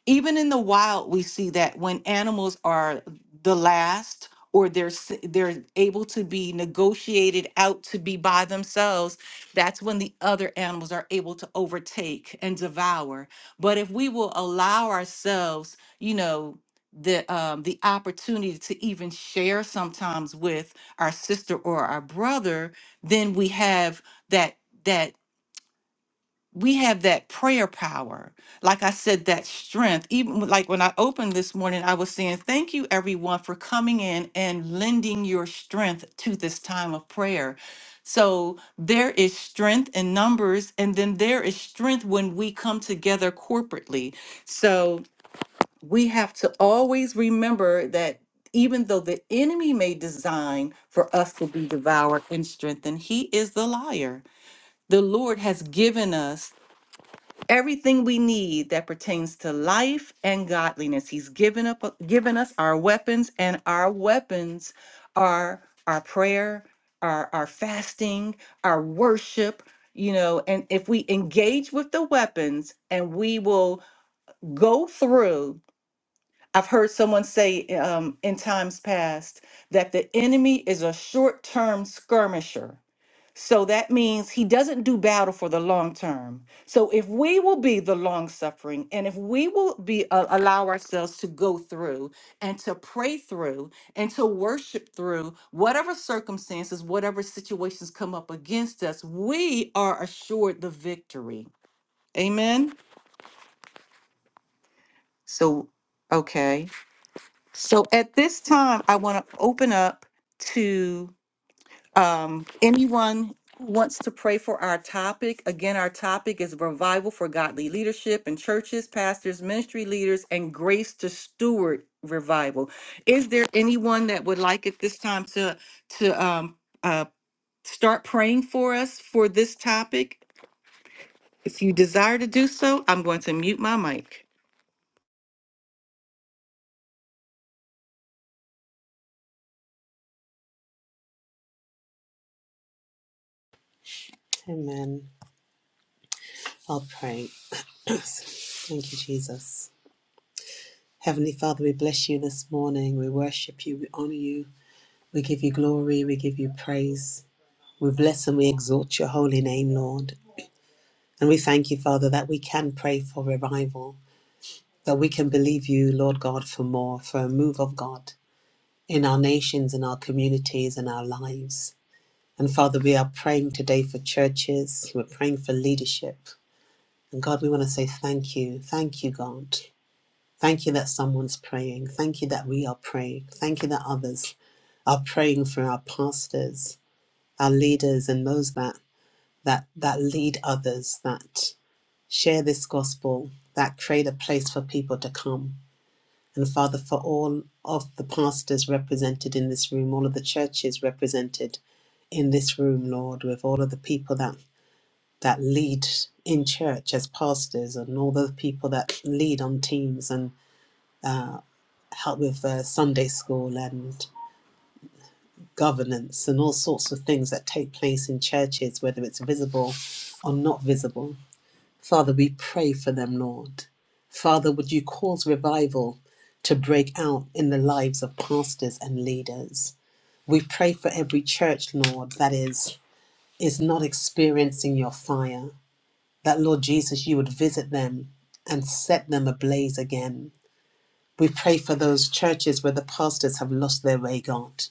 A: even in the wild we see that when animals are the last or they're s- they're able to be negotiated out to be by themselves that's when the other animals are able to overtake and devour but if we will allow ourselves you know the um the opportunity to even share sometimes with our sister or our brother then we have that that we have that prayer power. Like I said, that strength. Even with- like when I opened this morning, I was saying, Thank you, everyone, for coming in and lending your strength to this time of prayer. So there is strength in numbers, and then there is strength when we come together corporately. So we have to always remember that even though the enemy may design for us to be devoured and strengthened, he is the liar. The Lord has given us everything we need that pertains to life and godliness. He's given up uh, given us our weapons, and our weapons are our prayer, our, our fasting, our worship, you know, and if we engage with the weapons and we will go through. I've heard someone say um, in times past that the enemy is a short term skirmisher so that means he doesn't do battle for the long term. So if we will be the long suffering and if we will be uh, allow ourselves to go through and to pray through and to worship through whatever circumstances, whatever situations come up against us, we are assured the victory. Amen. So okay. So at this time I want to open up to um, anyone who wants to pray for our topic, again, our topic is revival for godly leadership in churches, pastors, ministry leaders, and grace to steward revival. Is there anyone that would like at this time to to um, uh, start praying for us for this topic? If you desire to do so, I'm going to mute my mic.
C: Amen. I'll pray. Thank you, Jesus. Heavenly Father, we bless you this morning. We worship you. We honor you. We give you glory. We give you praise. We bless and we exalt your holy name, Lord. And we thank you, Father, that we can pray for revival, that we can believe you, Lord God, for more, for a move of God in our nations, in our communities, in our lives. And Father, we are praying today for churches, we're praying for leadership. And God, we want to say thank you. Thank you, God. Thank you that someone's praying. Thank you that we are praying. Thank you that others are praying for our pastors, our leaders, and those that that that lead others, that share this gospel, that create a place for people to come. And Father, for all of the pastors represented in this room, all of the churches represented in this room, Lord, with all of the people that, that lead in church as pastors and all the people that lead on teams and help with uh, Sunday school and governance and all sorts of things that take place in churches, whether it's visible or not visible. Father, we pray for them, Lord. Father, would you cause revival to break out in the lives of pastors and leaders? We pray for every church, Lord, that is is not experiencing your fire. That Lord Jesus, you would visit them and set them ablaze again. We pray for those churches where the pastors have lost their way, God,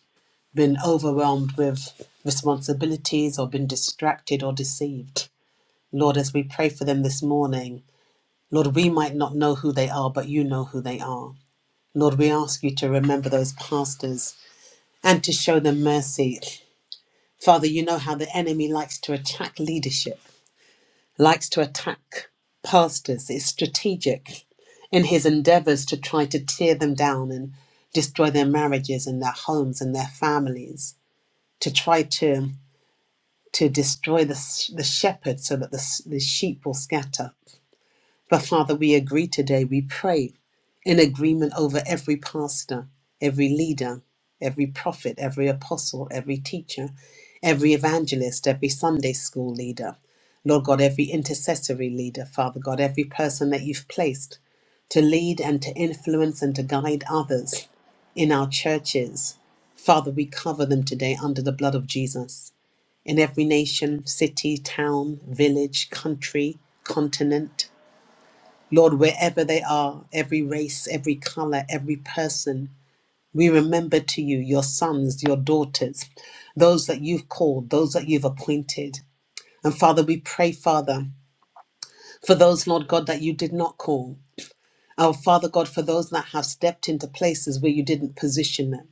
C: been overwhelmed with responsibilities or been distracted or deceived. Lord, as we pray for them this morning, Lord, we might not know who they are, but you know who they are. Lord, we ask you to remember those pastors and to show them mercy. Father, you know how the enemy likes to attack leadership, likes to attack pastors. It's strategic in his endeavors to try to tear them down and destroy their marriages and their homes and their families, to try to, to destroy the, the shepherd so that the, the sheep will scatter. But Father, we agree today, we pray in agreement over every pastor, every leader, every prophet, every apostle, every teacher, every evangelist, every Sunday school leader. Lord God, every intercessory leader, Father God, every person that you've placed to lead and to influence and to guide others in our churches. Father, we cover them today under the blood of Jesus in every nation, city, town, village, country, continent. Lord, wherever they are, every race, every color, every person, we remember to you your sons, your daughters, those that you've called, those that you've appointed. And Father, we pray, Father, for those, Lord God, that you did not call. Our Father God, for those that have stepped into places where you didn't position them,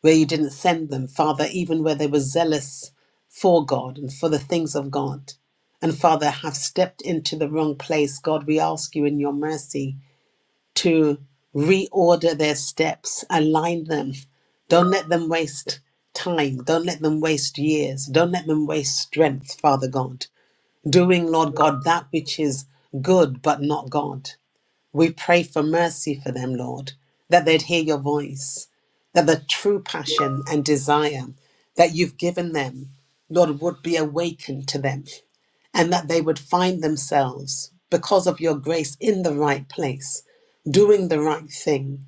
C: where you didn't send them, Father, even where they were zealous for God and for the things of God and Father, have stepped into the wrong place, God, we ask you in your mercy to reorder their steps, align them. Don't let them waste time. Don't let them waste years. Don't let them waste strength, Father God. Doing, Lord God, that which is good but not God. We pray for mercy for them, Lord, that they'd hear your voice, that the true passion and desire that you've given them, Lord, would be awakened to them, and that they would find themselves, because of your grace, in the right place, doing the right thing,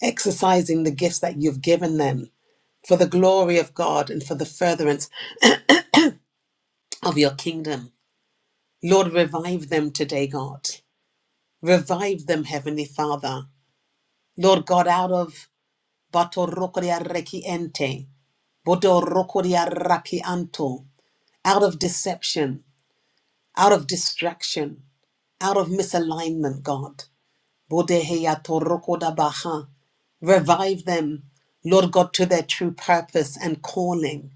C: exercising the gifts that you've given them for the glory of God and for the furtherance of your kingdom. Lord, revive them today, God. Revive them, Heavenly Father. Lord God, out of Bato rokoria reki ente. Bodo rokoria raki anto. Out of deception, out of distraction, out of misalignment, God. Bodeheya to rokoda baha. Revive them, Lord God, to their true purpose and calling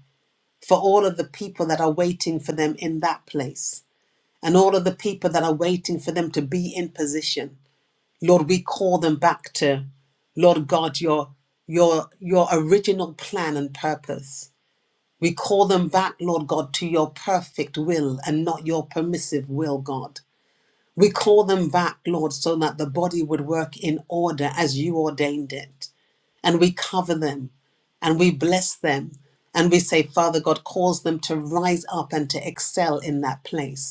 C: for all of the people that are waiting for them in that place and all of the people that are waiting for them to be in position. Lord, we call them back to, Lord God, your your your original plan and purpose. We call them back, Lord God, to your perfect will and not your permissive will, God. We call them back, Lord, so that the body would work in order as you ordained it. And we cover them and we bless them. And we say, Father God, cause them to rise up and to excel in that place.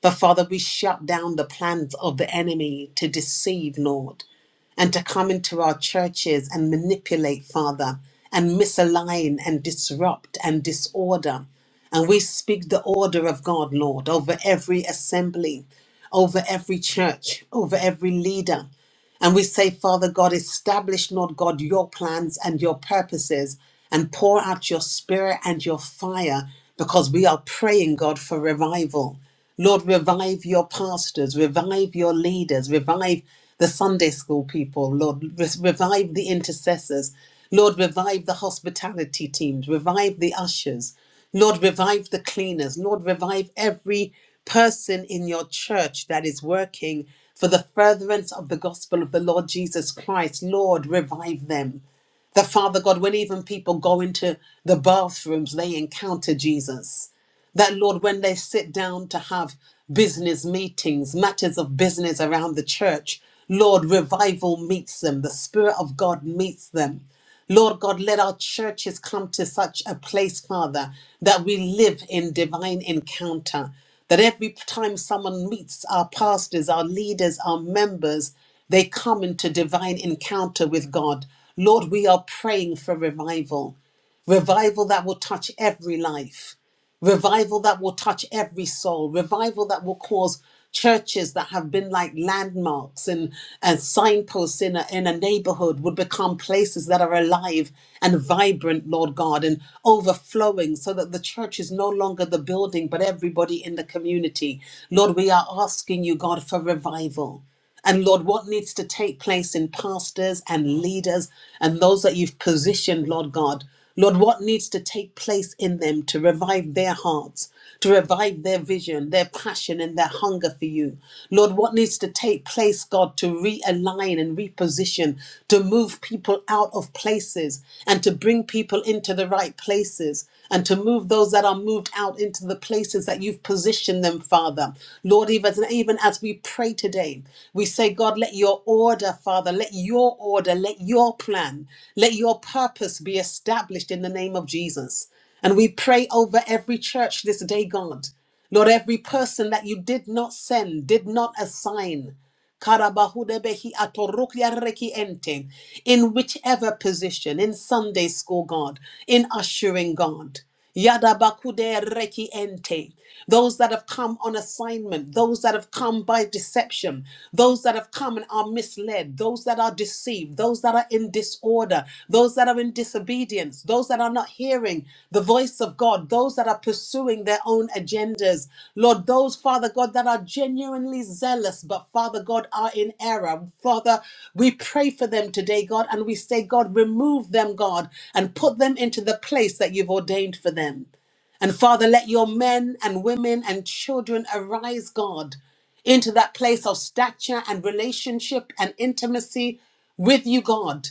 C: But Father, we shut down the plans of the enemy to deceive, Lord, and to come into our churches and manipulate, Father, and misalign and disrupt and disorder. And we speak the order of God, Lord, over every assembly, over every church, over every leader. And we say, Father God, establish, Lord God, your plans and your purposes and pour out your spirit and your fire because we are praying, God, for revival. Lord, revive your pastors, revive your leaders, revive the Sunday school people, Lord, re- revive the intercessors, Lord, revive the hospitality teams, revive the ushers. Lord, revive the cleaners. Lord, revive every person in your church that is working for the furtherance of the gospel of the Lord Jesus Christ. Lord, revive them. The Father God, when even people go into the bathrooms, they encounter Jesus. That, Lord, when they sit down to have business meetings, matters of business around the church, Lord, revival meets them, the Spirit of God meets them. Lord God, let our churches come to such a place, Father, that we live in divine encounter. That every time someone meets our pastors, our leaders, our members, they come into divine encounter with God. Lord, we are praying for revival, revival that will touch every life revival that will touch every soul, revival that will cause churches that have been like landmarks and, and signposts in a, in a neighborhood would become places that are alive and vibrant, Lord God, and overflowing so that the church is no longer the building, but everybody in the community. Lord, we are asking you, God, for revival. And Lord, what needs to take place in pastors and leaders and those that you've positioned, Lord God? Lord, what needs to take place in them to revive their hearts, to revive their vision, their passion, and their hunger for you? Lord, what needs to take place, God, to realign and reposition, to move people out of places and to bring people into the right places? places and to move those that are moved out into the places that you've positioned them, Father. Lord, even, even as we pray today, we say, God, let your order, Father, let your order, let your plan, let your purpose be established in the name of Jesus. And we pray over every church this day, God. Lord, every person that you did not send, did not assign. Karabahudebehi atorukya reki ente. In whichever position, in Sunday school, God, in ushering, God. Yadabakude reki ente. Those that have come on assignment, those that have come by deception, those that have come and are misled, those that are deceived, those that are in disorder, God, uh, those that are in disobedience, those that are not hearing the voice of God, those that are pursuing their own agendas. Lord, those, Father God, that are genuinely zealous, but Father God, are in error. Father, we pray for them today, God, and we say, God, remove them, God, and put them into the place that you've ordained for them. And Father, let your men and women and children arise, God, into that place of stature and relationship and intimacy with you, God.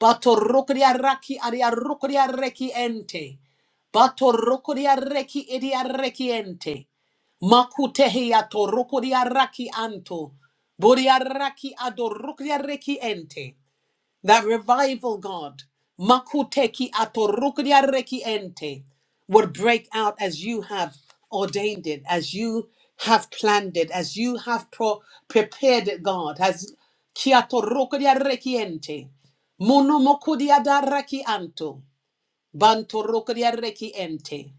C: Bato rokria raki aria rokria reki ente. Bato rokria reki iria reki ente. Makutehiya to rokria raki anto. Boria raki ado rokria reki ente that revival, God, makuteki atorukria reki ente, would break out as you have ordained it, as you have planned it, as you have pro- prepared it, God, as kiatorukria reki ente, munumokudia da reki anto, bantorukria reki ente.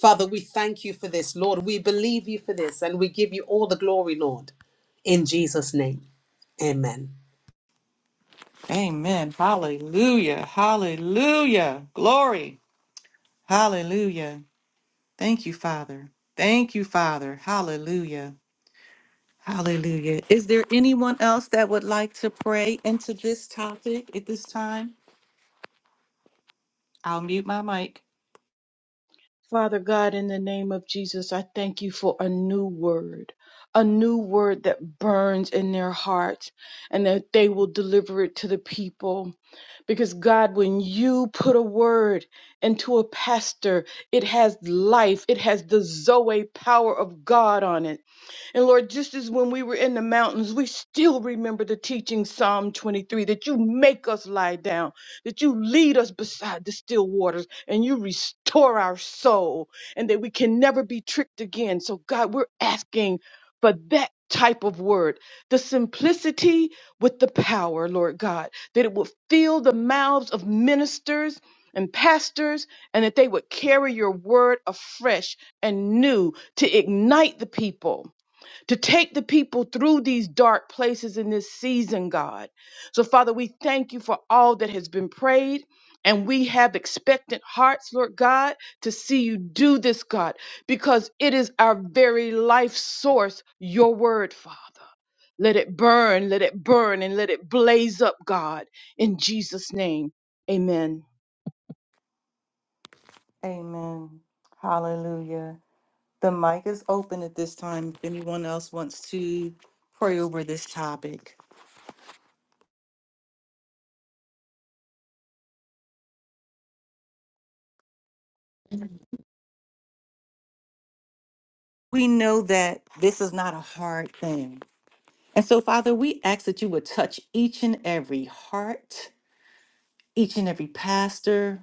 C: Father, we thank you for this, Lord. We believe you for this, and we give you all the glory, Lord. In Jesus' name, amen.
A: Amen. Hallelujah. Hallelujah. Glory. Hallelujah. Thank you, Father. Thank you, Father. Hallelujah. Hallelujah. Is there anyone else that would like to pray into this topic at this time? I'll mute my mic.
F: Father God, in the name of Jesus, I thank you for a new word, a new word that burns in their hearts and that they will deliver it to the people. Because God, when you put a word into a pastor, it has life, it has the Zoe power of God on it. And Lord, just as when we were in the mountains, we still remember the teaching Psalm 23 that you make us lie down, that you lead us beside the still waters and you restore our soul and that we can never be tricked again. So, God, we're asking for that type of word, the simplicity with the power, Lord God, that it will fill the mouths of ministers and pastors and that they would carry your word afresh and new to ignite the people to take the people through these dark places in this season, God. So, Father, we thank you for all that has been prayed. And we have expectant hearts, Lord God, to see you do this, God, because it is our very life source, your word, Father. Let it burn, let it burn, and let it blaze up, God, in Jesus' name. Amen.
A: Amen. Hallelujah. The mic is open at this time if anyone else wants to pray over this topic. We know that this is not a hard thing. And so, Father, we ask that you would touch each and every heart, each and every pastor,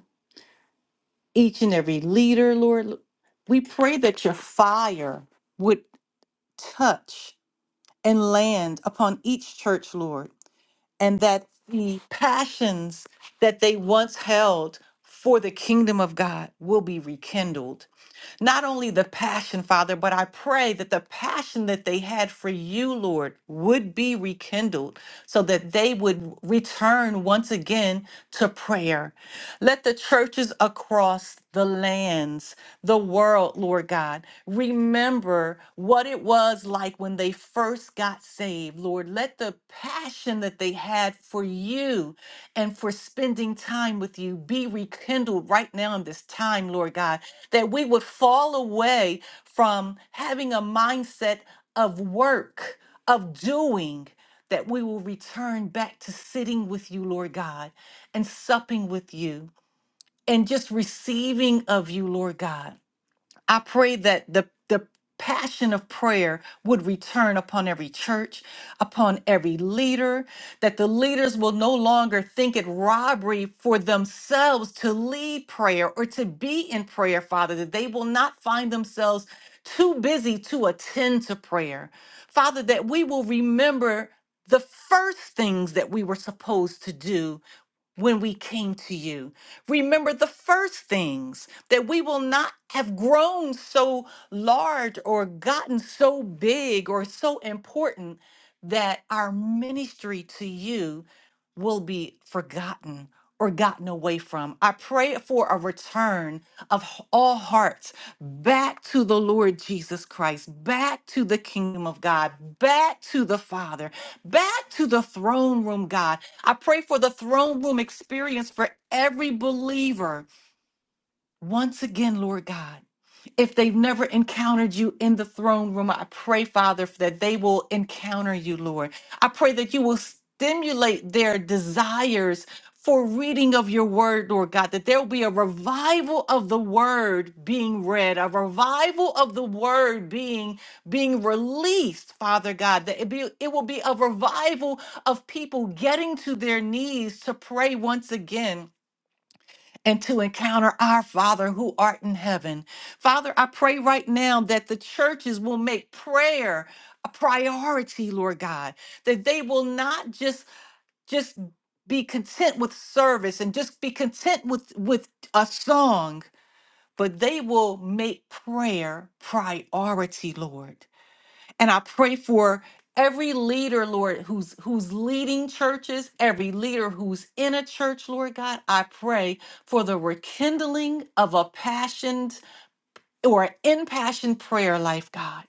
A: each and every leader, Lord. We pray that your fire would touch and land upon each church, Lord, and that the passions that they once held for the kingdom of God will be rekindled not only the passion, Father, but I pray that the passion that they had for you, Lord, would be rekindled so that they would return once again to prayer. Let the churches across the lands, the world, Lord God, remember what it was was like when they first got saved. Lord, let the passion that they had for you and for spending time with you be rekindled right now in this time, Lord God, that we would fall away from having a mindset of work, of doing. That we will return back to sitting with you, Lord God, and supping with you, and just receiving of you, Lord God. I pray that the the passion of prayer would return upon every church, upon every leader, that the leaders will no longer think it robbery for themselves to lead prayer or to be in prayer, Father, that they will not find themselves too busy to attend to prayer. Father, that we will remember the first things that we were supposed to do when we came to you. Remember the first things that we will not have grown so large or gotten so big or so important that our ministry to you will be forgotten or gotten away from. I pray for a return of h- all hearts back to the Lord Jesus Christ, back to the kingdom of God, back to the Father, back to the throne room, God. I pray for the throne room experience for every believer once again, Lord God, if they've never encountered you in the throne room, I pray, Father, that they will encounter you, Lord. I pray that you will stimulate their desires for reading of your word, Lord God, that there will be a revival of the word being read, a revival of the word being being released, Father God, that it be it will be a revival of people getting to their knees to pray once again and to encounter our Father who art in heaven. Father, I pray right now that the churches will make prayer a priority, Lord God, that they will not just just be content with service and just be content with with a song, but they will make prayer priority, Lord. And I pray for every leader, Lord, who's who's leading churches, every leader who's in a church, Lord God. I pray for the rekindling of a passioned or impassioned prayer life, God.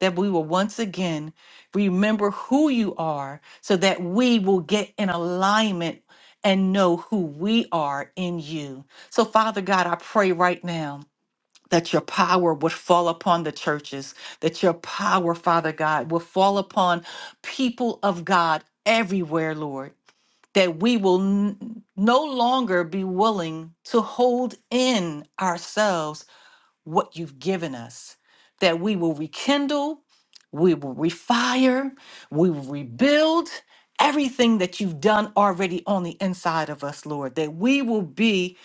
A: That we will once again remember who you are so that we will get in alignment and know who we are in you. So, Father God, I pray right now that your power would fall upon the churches, that your power, Father God, will fall upon people of God everywhere, Lord, that we will n- no longer be willing to hold in ourselves what you've given us, that we will rekindle, we will refire, we will rebuild. Everything that you've done already on the inside of us, Lord, that we will be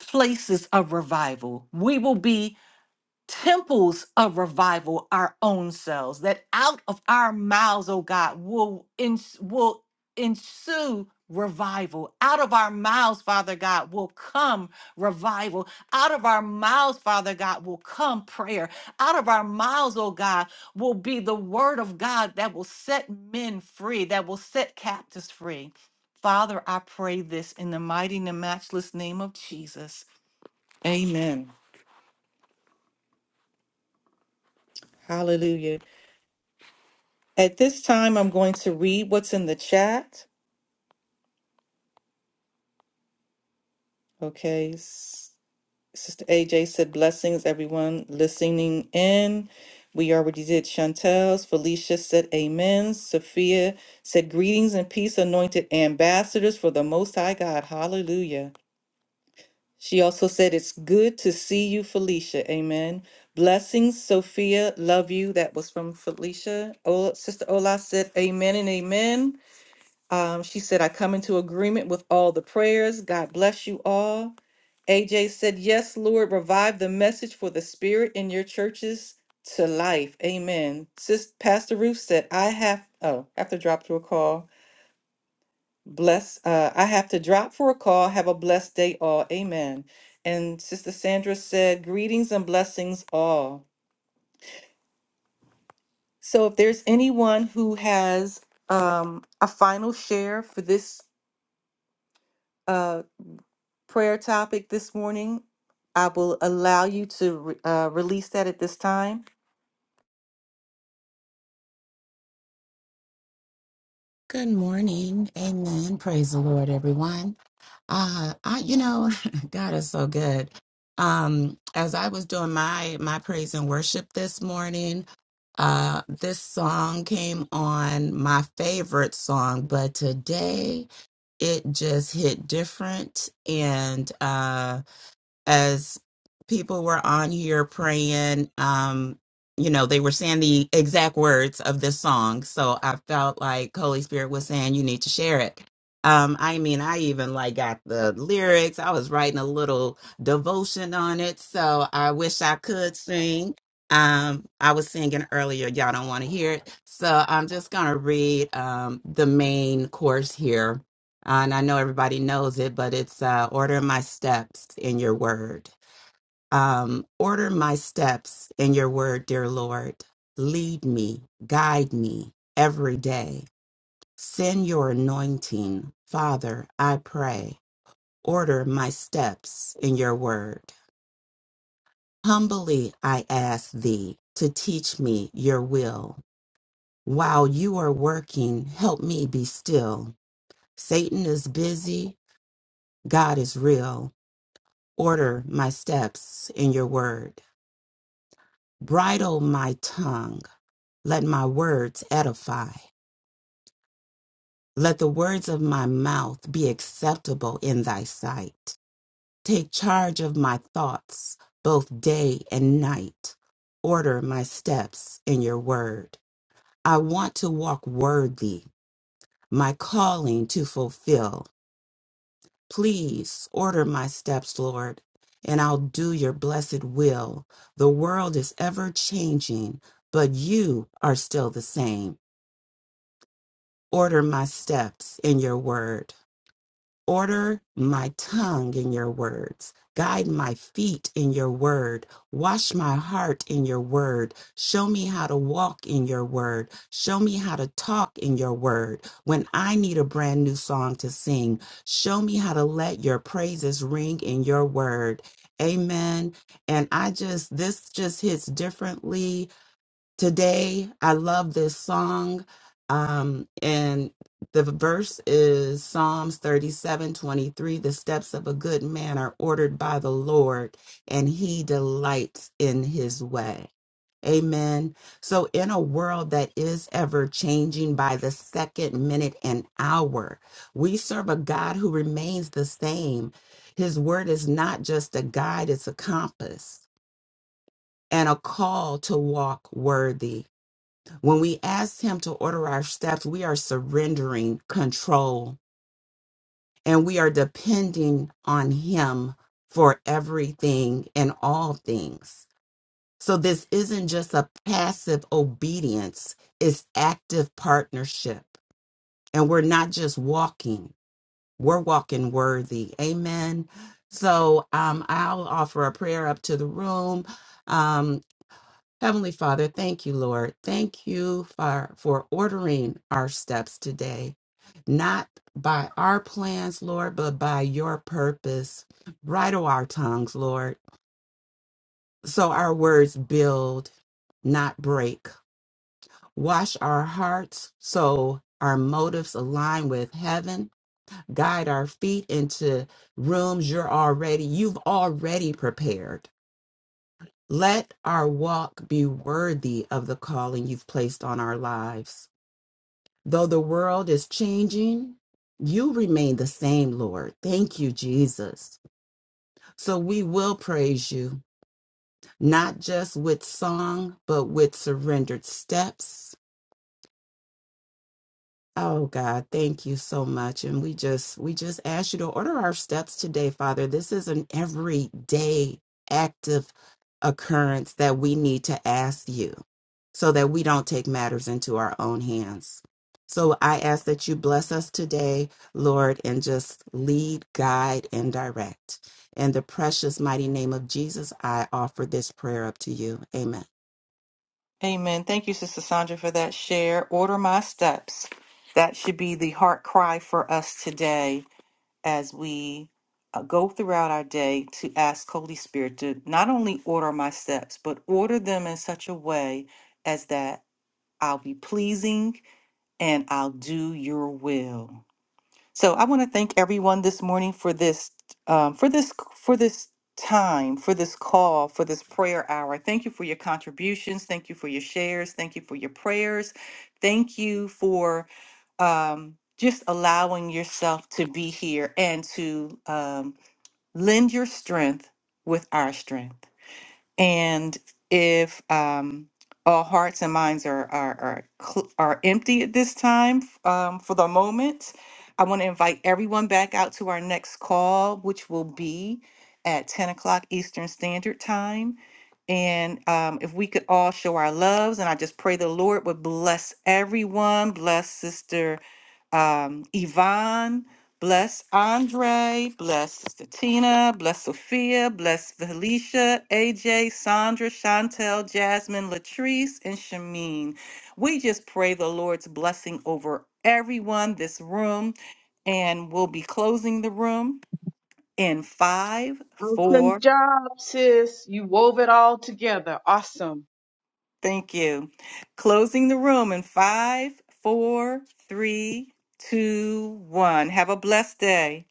A: places of revival. We will be temples of revival our own selves that out of our mouths oh god will ens- will ensue revival out of our mouths father god will come revival out of our mouths father god will come prayer out of our mouths oh god will be the word of god that will set men free that will set captives free father i pray this in the mighty and matchless name of jesus amen hallelujah At this time, I'm going to read what's in the chat. Okay. S- Sister AJ said, Blessings, everyone listening in. We already did Chantel's. Felicia said, Amen. Sophia said, Greetings and peace, anointed ambassadors for the Most High God. Hallelujah. She also said, It's good to see you, Felicia. Amen. Blessings, Sophia. Love you. That was from Felicia. Ola, Sister Ola said, Amen and amen. Um, she said, I come into agreement with all the prayers. God bless you all. AJ said, Yes, Lord, revive the message for the spirit in your churches to life. Amen. Sis Pastor Ruth said, I have oh, have to drop to a call. Bless uh I have to drop for a call. Have a blessed day all. Amen. And Sister Sandra said, Greetings and blessings all. So if there's anyone who has um a final share for this uh, prayer topic this morning. I will allow you to re- uh, release that at this time.
E: Good morning. Amen. Praise the Lord, everyone. Uh, I, you know, God is so good. Um, as I was doing my my praise and worship this morning, uh, this song came on my favorite song, but today it just hit different, and uh, as people were on here praying um you know they were saying the exact words of this song so i felt like holy spirit was saying you need to share it um i mean i even like got the lyrics i was writing a little devotion on it so i wish i could sing um i was singing earlier y'all don't want to hear it so i'm just gonna read um the main course here and I know everybody knows it, but it's uh, order my steps in your word. Um, order my steps in your word, dear Lord. Lead me, guide me every day. Send your anointing. Father, I pray. Order my steps in your word. Humbly I ask thee to teach me your will. While you are working, help me be still. Satan is busy, God is real. Order my steps in your word. Bridle my tongue. Let my words edify. Let the words of my mouth be acceptable in thy sight. Take charge of my thoughts, both day and night. Order my steps in your word. I want to walk worthy, my calling to fulfill. Please order my steps, Lord, and I'll do your blessed will. The world is ever changing, but you are still the same. Order my steps in your word. Order my tongue in your words. Guide my feet in your word. Wash my heart in your word. Show me how to walk in your word. Show me how to talk in your word. When I need a brand new song to sing, show me how to let your praises ring in your word. Amen. And I just, this just hits differently today. I love this song. Um, and the verse is Psalms thirty-seven twenty-three. The steps of a good man are ordered by the Lord, and he delights in his way. Amen. So, in a world that is ever changing by the second, minute, and hour, we serve a God who remains the same. His word is not just a guide, it's a compass and a call to walk worthy. When we ask Him to order our steps, we are surrendering control and we are depending on Him for everything and all things. So, this isn't just a passive obedience, it's active partnership. And we're not just walking, we're walking worthy. Amen. So, um, I'll offer a prayer up to the room. Um, Heavenly Father, thank you, Lord. Thank you for, for ordering our steps today, not by our plans, Lord, but by your purpose. Bridle our tongues, Lord, so our words build, not break. Wash our hearts so our motives align with heaven. Guide our feet into rooms you're already, you've already prepared. Let our walk be worthy of the calling you've placed on our lives. Though the world is changing, you remain the same, Lord. Thank you, Jesus. So we will praise you, not just with song, but with surrendered steps Oh God, thank you so much. And we just we just ask you to order our steps today, Father. This is an everyday active occurrence that we need to ask you so that we don't take matters into our own hands. So I ask that you bless us today, Lord, and just lead, guide, and direct. In the precious mighty name of Jesus, I offer this prayer up to you. Amen.
A: Amen. Thank you, Sister Sandra, for that share. Order my steps. That should be the heart cry for us today. as we uh, go throughout our day to ask Holy Spirit to not only order my steps, but order them in such a way as that I'll be pleasing and I'll do your will. So I want to thank everyone this morning for this, um, for this, for this time, for this call, for this prayer hour. Thank you for your contributions. Thank you for your shares. Thank you for your prayers. Thank you for um, just allowing yourself to be here and to um, lend your strength with our strength. And if um, all hearts and minds are are are, cl- are empty at this time um, for the moment, I want to invite everyone back out to our next call, which will be at 10 o'clock Eastern Standard Time. And um, if we could all show our loves, and I just pray the Lord would bless everyone, bless Sister um, Yvonne, bless Andre, bless Sister Tina, bless Sophia, bless Felicia, AJ, Sandra, Chantel, Jasmine, Latrice, and Shameen. We just pray the Lord's blessing over everyone, this room, and we'll be closing the room in five,
F: Awesome
A: four,
F: job, sis. You wove it all together. Awesome.
A: thank you. Closing the room in five, four, three, two, one. Have a blessed day.